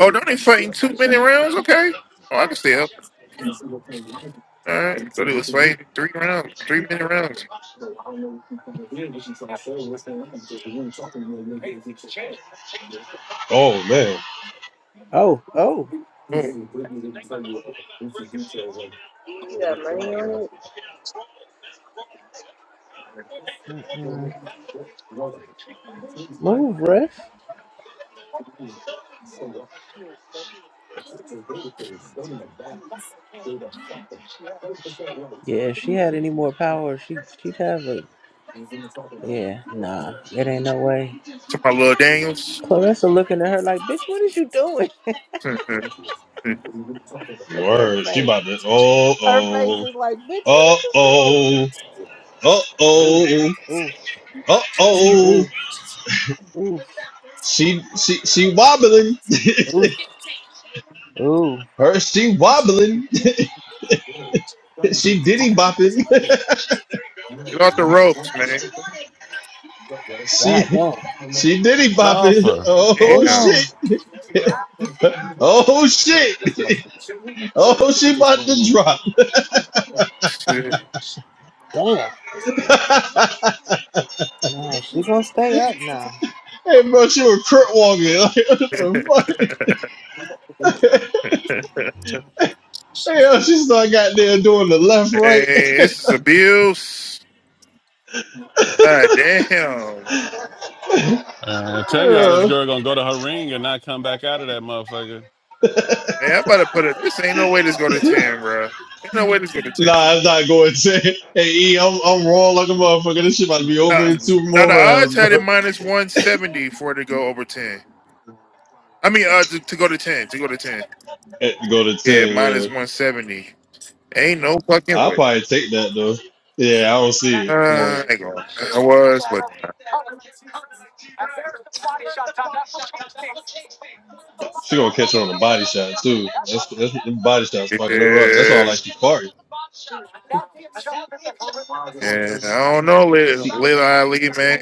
Oh, don't they fighting two minute rounds? Okay. Oh, I can still. All right. So they was fighting three rounds, three minute rounds.
Oh man,
oh, oh.
Oh,
you got money on it?
Mm-mm. Move, ref. Yeah, if she had any more power, she she'd have a. Yeah, nah, it ain't no way.
to my little Daniels.
Clarissa looking at her like, bitch, what is you doing?
Get
Look at her
word. She
face.
about to. Oh
Her face
oh
is like, bitch, what
oh
is you doing?
oh oh
Ooh,
oh
ooh,
oh.
ooh, ooh,
She she she wobbling.
ooh, ooh.
Her she wobbling. she diddy bopping.
off the ropes, man.
she
God damn.
she diddy bopping.
Rafa.
Hold
Oh
Damn.
on.
shit. Oh shit. Oh she about to drop.
hey,
Damn. Nah, she gonna stay up now.
hey bro, she was crip walking. Like what the fuck? Hey, yo, she started goddamn doing the left right.
this is abuse. Ah, damn.
Man, I tell y'all
Yeah.
this
Uh,
girl gonna go to her ring and not come back out of that motherfucker.
Man, I'm about to put it. This ain't no way this go to ten, bro. Ain't no way this go to
nah,
ten.
it's not going to. Hey, E, I'm, I'm wrong like a motherfucker. This shit about to be over
Now,
in two
now
more
the
rounds,
odds had
bro.
it minus one seventy for it to go over ten. I mean, uh, to, to go to ten, to go to ten.
Eh, Go to
Yeah,
ten,
minus
yeah.
one seventy. Ain't no fucking
I'll
way.
probably take that though. Yeah, I don't see
Uh,
it. Like,
I ain't going. I was, but
she gonna catch her on a body shot too. That's that's them body shots fucking her up. That's all
yeah,
like she's farting. But
yeah. I don't know, little,
she farted.
little Ali, man.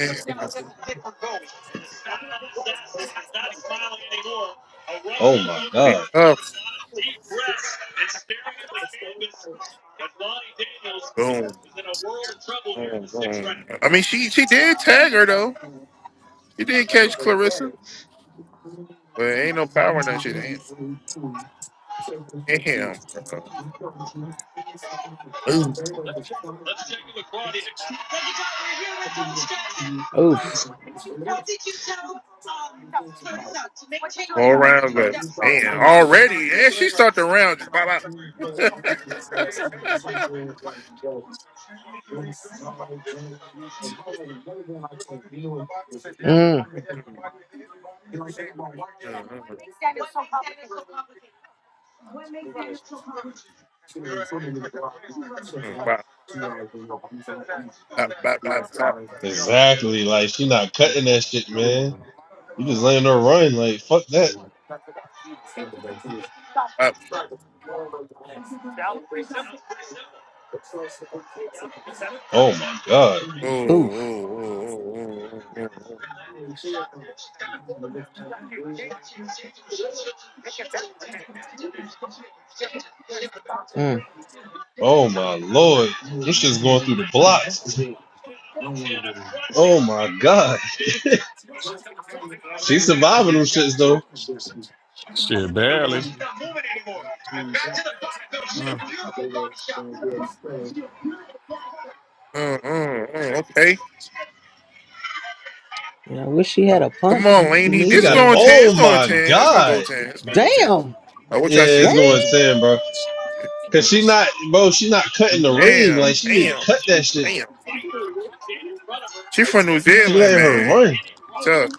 Oh my
Be
god.
tough. Boom, boom, boom. I mean, she she did tag her though. She did catch Clarissa, but ain't no power in that shit. Ain't, ain't him. Ooh,
Oof.
Four rounds left. Man, already. Yeah, she start the round. Just bop, bop.
Mm.
bop, bop, bop, bop, bop,
Exactly. Like she not cutting that shit, man. You just letting her run. Like fuck that.
bop.
Oh my god.
Ooh,
Oof.
ooh, ooh, ooh, ooh, ooh, ooh.
Mm.
Oh my lord. This shit's going through the blocks. Oh my god. She's surviving them shits though.
Shit, barely.
Mm.
Mm, mm, mm. Okay.
Yeah, I wish she had a
Oh.
Come
punch.
on,
She
Laney.
She
need
This
got it.
going
one.
10. It's
Oh
going
my
10. It's going to go
god.
10. It's going to go 10.
Damn.
Uh, what y'all
Yeah,
Damn.
see?
it's going
Damn,
ten, bro. Cause she not, bro. She not cutting the ring. Like she need to
damn,
cut that shit.
damn. She from New
She
Zealand,
letting her
man.
run.
Tough.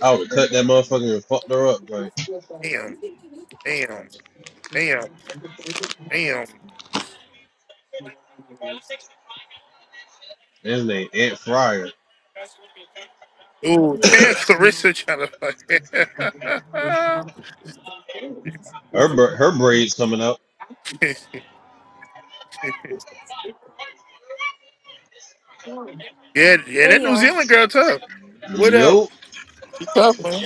I would cut that motherfucker and fucked her up. Like
Damn, damn, damn, damn.
his name Aunt Fryer.
Ooh, Tan Clarissa trying to fuck.
Her her braids coming up.
yeah, yeah, that New Zealand girl tough. What up?
Yo.
She tough, man.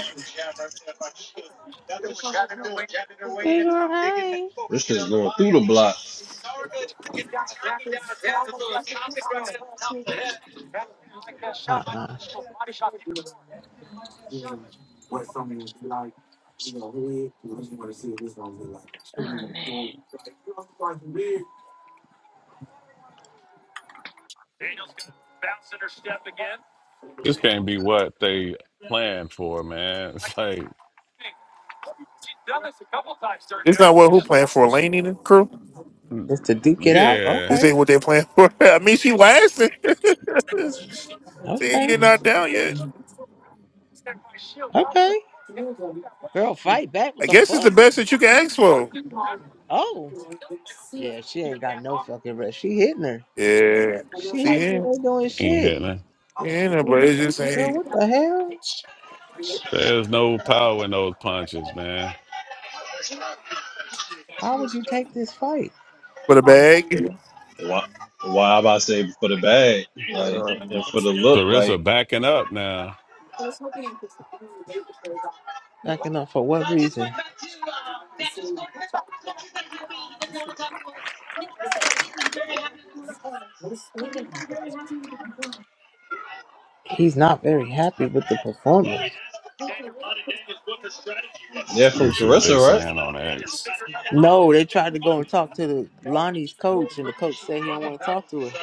That's what she should be doing. Jabbing her way in
She's
and then
all
digging that.
right.
This shit's going through the blocks.
Uh-uh.
Oh
This can't be what they planned for, man. It's like,
It's not what who playing for Laney and the crew.
Just to duke it out.
yeah,
This
Okay.
ain't what they playing for. I mean, she lasting. See,
Okay.
you're not down yet.
Okay. Girl, fight back. What
I
the
guess it's the
fuck?
best that you can ask for.
Oh. Yeah, she ain't got no fucking rest. She hitting her.
Yeah,
She
she
hitting her.
in,
They doing
ain't
shit.
hitting.
she in there, but it just
Girl,
ain't
what the hell?
There's no power in those punches, man.
Why would you take this fight?
for the bag.
Why, why am I saving for the bag? Like,
Uh,
and for the look,
Clarissa
like,
backing up now.
Backing up for what reason? He's not very happy with the performance.
yeah, from
let see what they
Carissa, right?
saying on X.
No, they tried to go and talk to the Lonnie's coach, and the coach said he don't want to talk to her.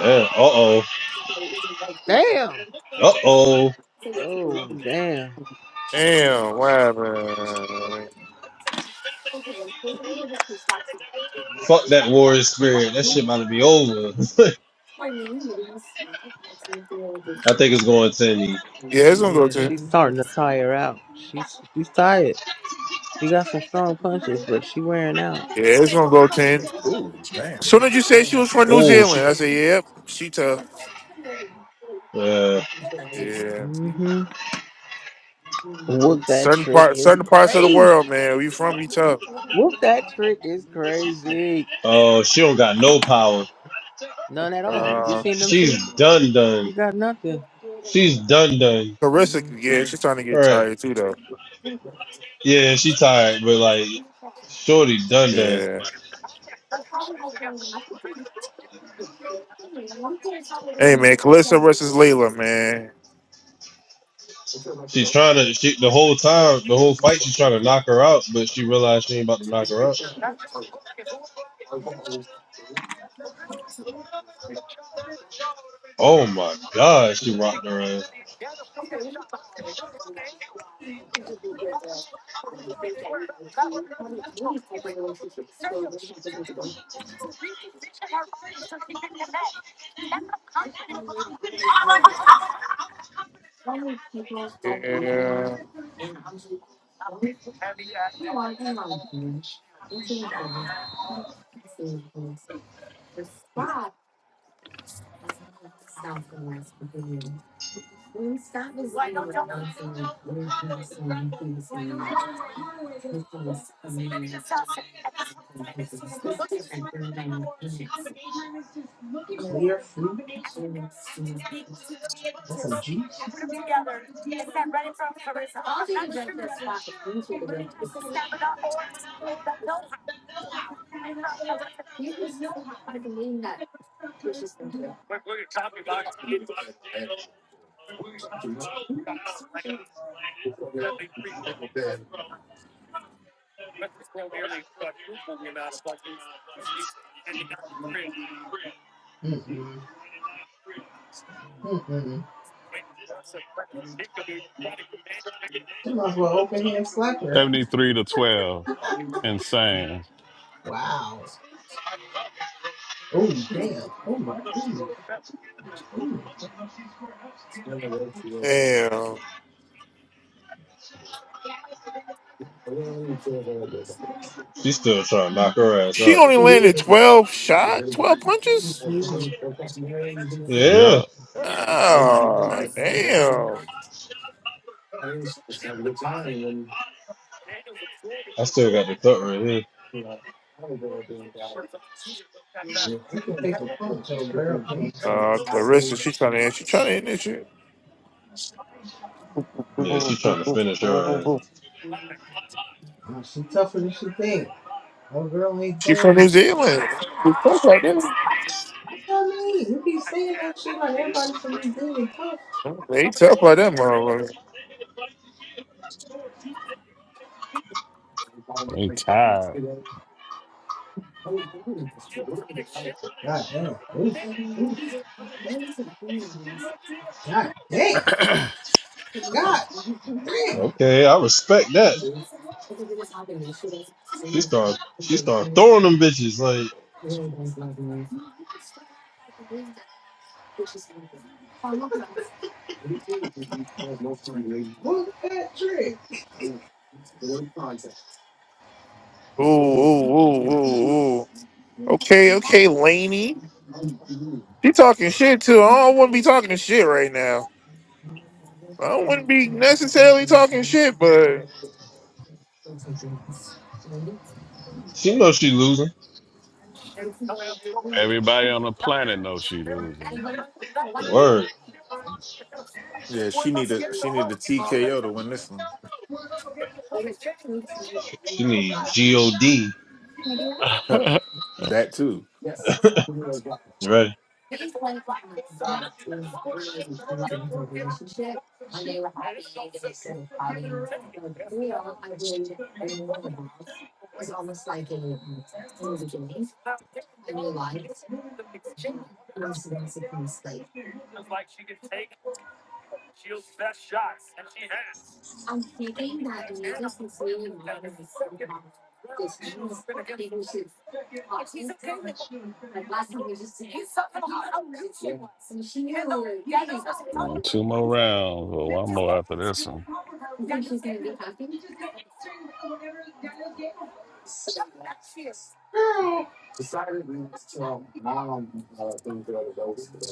Yeah, uh oh.
Damn.
Uh oh.
Oh, damn.
damn, wow, man.
Fuck that warrior spirit. That shit about to be over. I think it's going to Cindy.
Yeah, it's gonna go
Yeah,
ten.
she's starting to tire out. She's she's tired. She got some strong punches, but she wearing out.
Yeah, it's gonna go ten.
Ooh, damn.
Soon as you said she was from New
Oh, she.
Zealand, I said, "Yep, she tough."
Uh,
Yeah,
Mm-hmm. Whoop that
certain
trick
part,
is
certain parts of the
crazy.
world, man. We from we tough.
Whoop that trick is crazy.
oh, she don't got no power.
None at all. You
Uh,
seen them
She's
two?
done,
She
done.
got nothing.
She's done, done.
Carissa,
Mm.
yeah, she's trying to get
Right.
tired too, though.
Yeah, she tired, but like Shorty done done.
Yeah. Hey, man, Calissa versus Layla, man.
She's trying to she the whole time, the whole fight she's trying to knock her out, but she realized she ain't about to knock her out. Oh my god, she rocked her ass.
Yeah.
Mm-mm. Mm-mm. You might as well open hand slap her.
73 to 12. Insane.
Wow. Oh damn. Oh my goodness.
Damn.
She's still trying to knock her ass
She
out.
only landed
Yes.
twelve shot, twelve punches.
She
Yeah.
Yep.
Oh, damn.
I still got the cut right here.
can take a punch. Old girl can.
Uh, Clarissa, she trying to, she trying to end this shit.
Yeah, she's trying to finish her ass.
Uh, she tougher than she think. Old girl ain't
She from
doing
New Zealand. She's tough like this.
it. Tell me, you be saying that shit like everybody from New Zealand tough.
They tough by them motherfuckers.
They tired.
God damn. Oof. Damn. God.
Okay, I respect that. She start she start throwing them bitches like
What's that trick?
Ooh, ooh, ooh, ooh, ooh. Okay, okay, Laney. She talking shit too. I don't want to be talking shit right now. I wouldn't be necessarily talking shit, but.
she knows she losing.
Everybody on the planet knows she losing.
Word.
Yeah, she need a she need a TKO to win this one.
She need G-O-D.
Huh. that too.
You ready?
Two more rounds or one more after this one.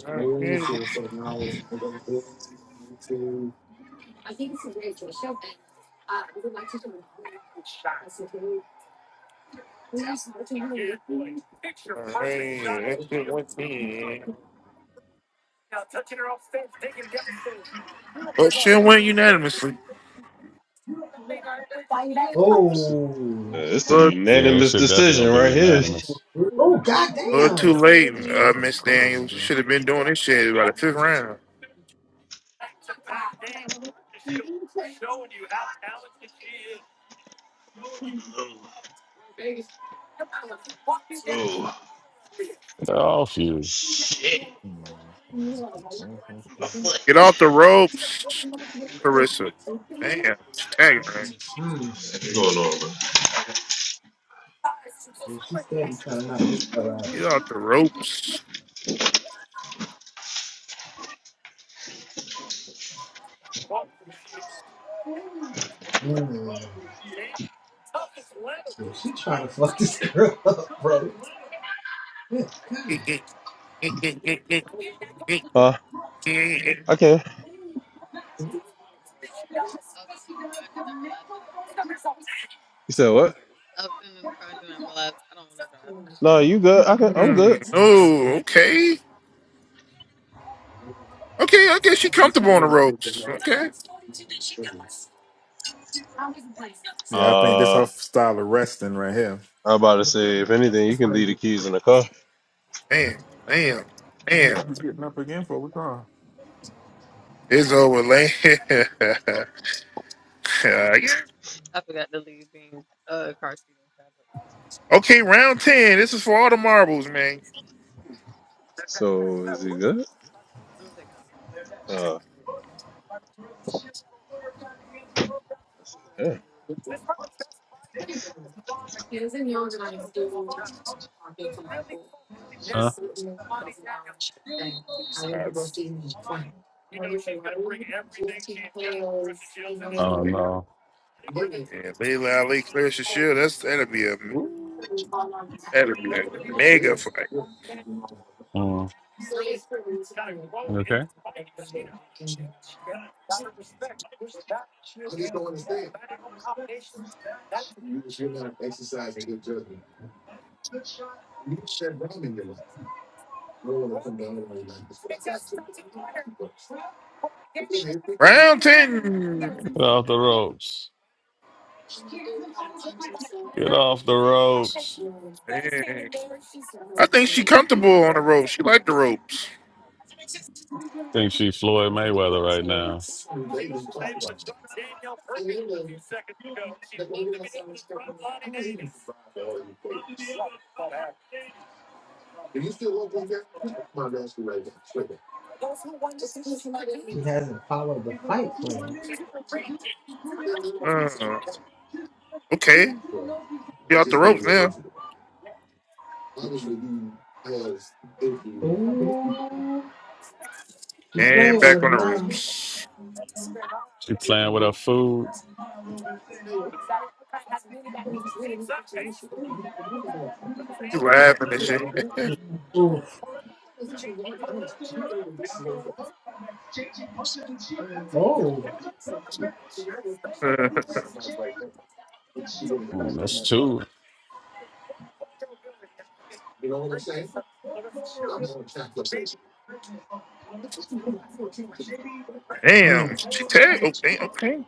Alright, alright, that shit went in. But shit went unanimously.
Uh,
Oh.
this is a
But,
Yeah, it
unanimous
should definitely gonna
decision
be
right here.
unanimous.
Oh, god
but too
damn.
late,
Yeah, she
uh,
could have
Miss
caught
Daniels. You
on
should have been doing this shit by the fifth round.
Oh,
Get off you.
shit.
it.
My foot.
Get off the ropes, Carissa. Damn, she's tagging her.
Hmm.
What's going on, man?
Yeah, she's steady trying to knock this girl out.
Get off the ropes.
Mm. Yeah, she trying to fuck this girl up, bro.
Mm,
Huh? I can. You said what? No, you good. I can, I'm good.
oh, okay. Okay, I guess you comfortable on the ropes. Okay.
Yeah, I think this
Uh,
her style of wrestling right here.
I'm about to say, if anything, you can leave the keys in the car.
damn,
What
damn, damn.
you getting up again for? What's going on?
It's over, Lane. okay, round 10. This is for all the marbles, man.
So, is he good? Uh, I said, yeah.
Huh?
Uh,
Oh no.
yeah, Layla Ali clears the shield. That's, that'll be a that'll be a mega fight.
Mm. Okay.
Round 10.
Get off the ropes. Get off the ropes.
Man, I think she comfortable on the ropes. She like the ropes.
Think she Floyd Mayweather right now.
She hasn't followed the fight plan.
Uh, okay. Be off the ropes now.
Ooh. She
And
playing
back
with her
on the
now.
ropes.
She playing with her food.
You laughing and shit.
Oof. Oh.
Mm, that's two.
damn.
Mm.
She tagged. Oh, damn. Okay.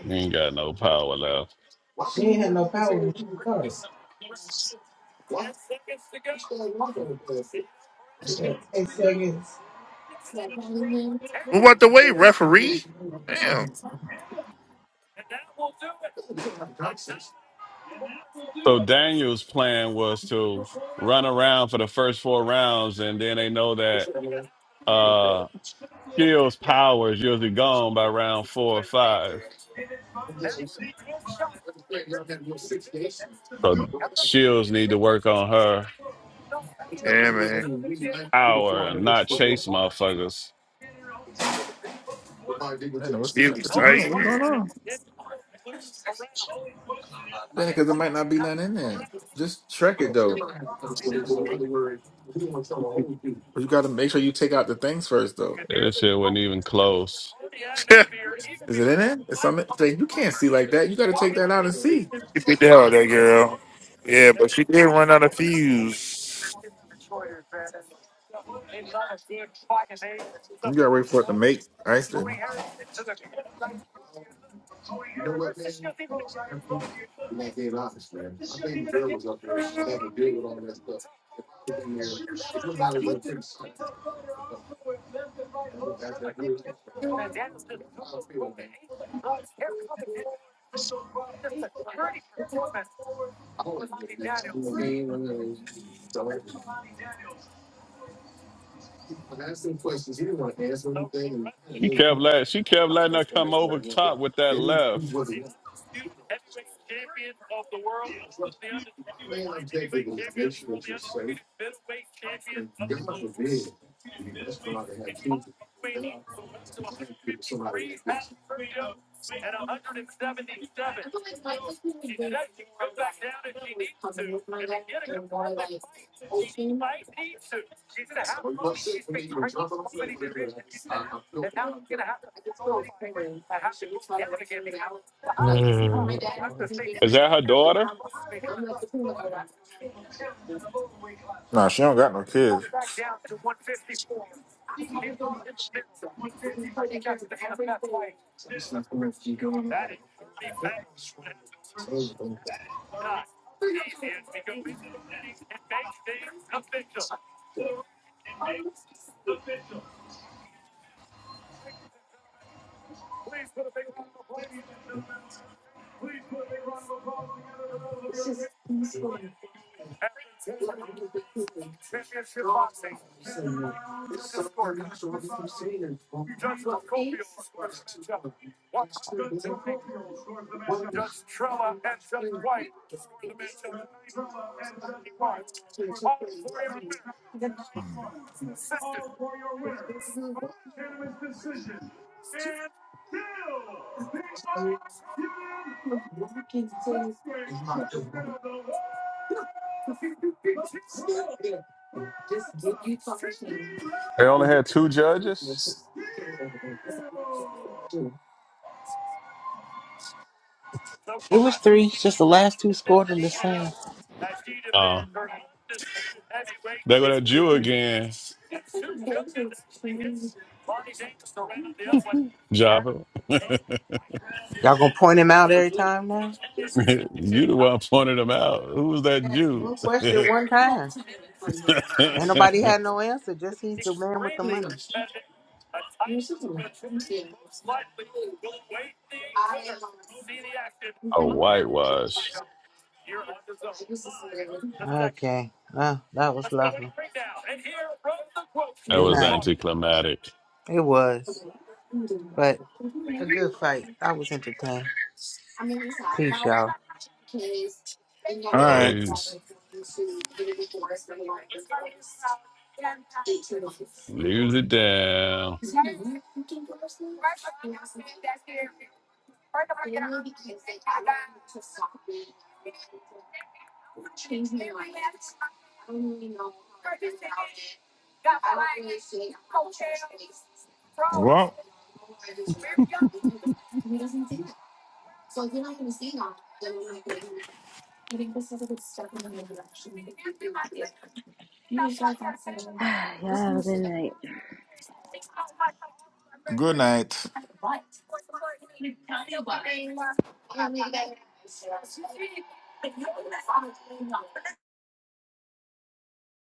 You ain't got no power left.
She ain't had no power when she started. It was like 10 seconds.
Move out the way, referee. Damn.
So Daniel's plan was to run around for the first four rounds, and then they know that uh Shields' power is usually gone by round four or five. So Shields need to work on her
Yeah, man.
hour and not chase motherfuckers.
I know what's
She was
what you
tight.
doing. What's going
she
on? Then because there might not be nothing in there. Just track it though. But you got to make sure you take out the things first though.
That shit wasn't even close.
Is it in there? It's something Jay, you can't see like that. You gotta take that out and see.
beat the hell out of that girl. Yeah, but she did run out of fuse.
You gotta wait for it to make ice. then.
She kept letting she kept letting her come over top with that left. Is that her daughter?
Nah, she don't got no kids.
They only had two judges.
It was three. It's Just the last two scored in the same.
Oh, they were that Jew again, Java.
Y'all gonna point him out every time now?
you the one pointed him out. Who was that
Ask
Jew?
one question one time. Ain't nobody had no answer. Just he's the man with the money.
A whitewash.
Okay. Well, that was lovely.
That
Good
was
night.
anticlimactic.
It was, but a good fight. I was entertained. Peace, y'all.
All right.
Guys, leave it down.
Well,
man. Y'all have a good night.
good night.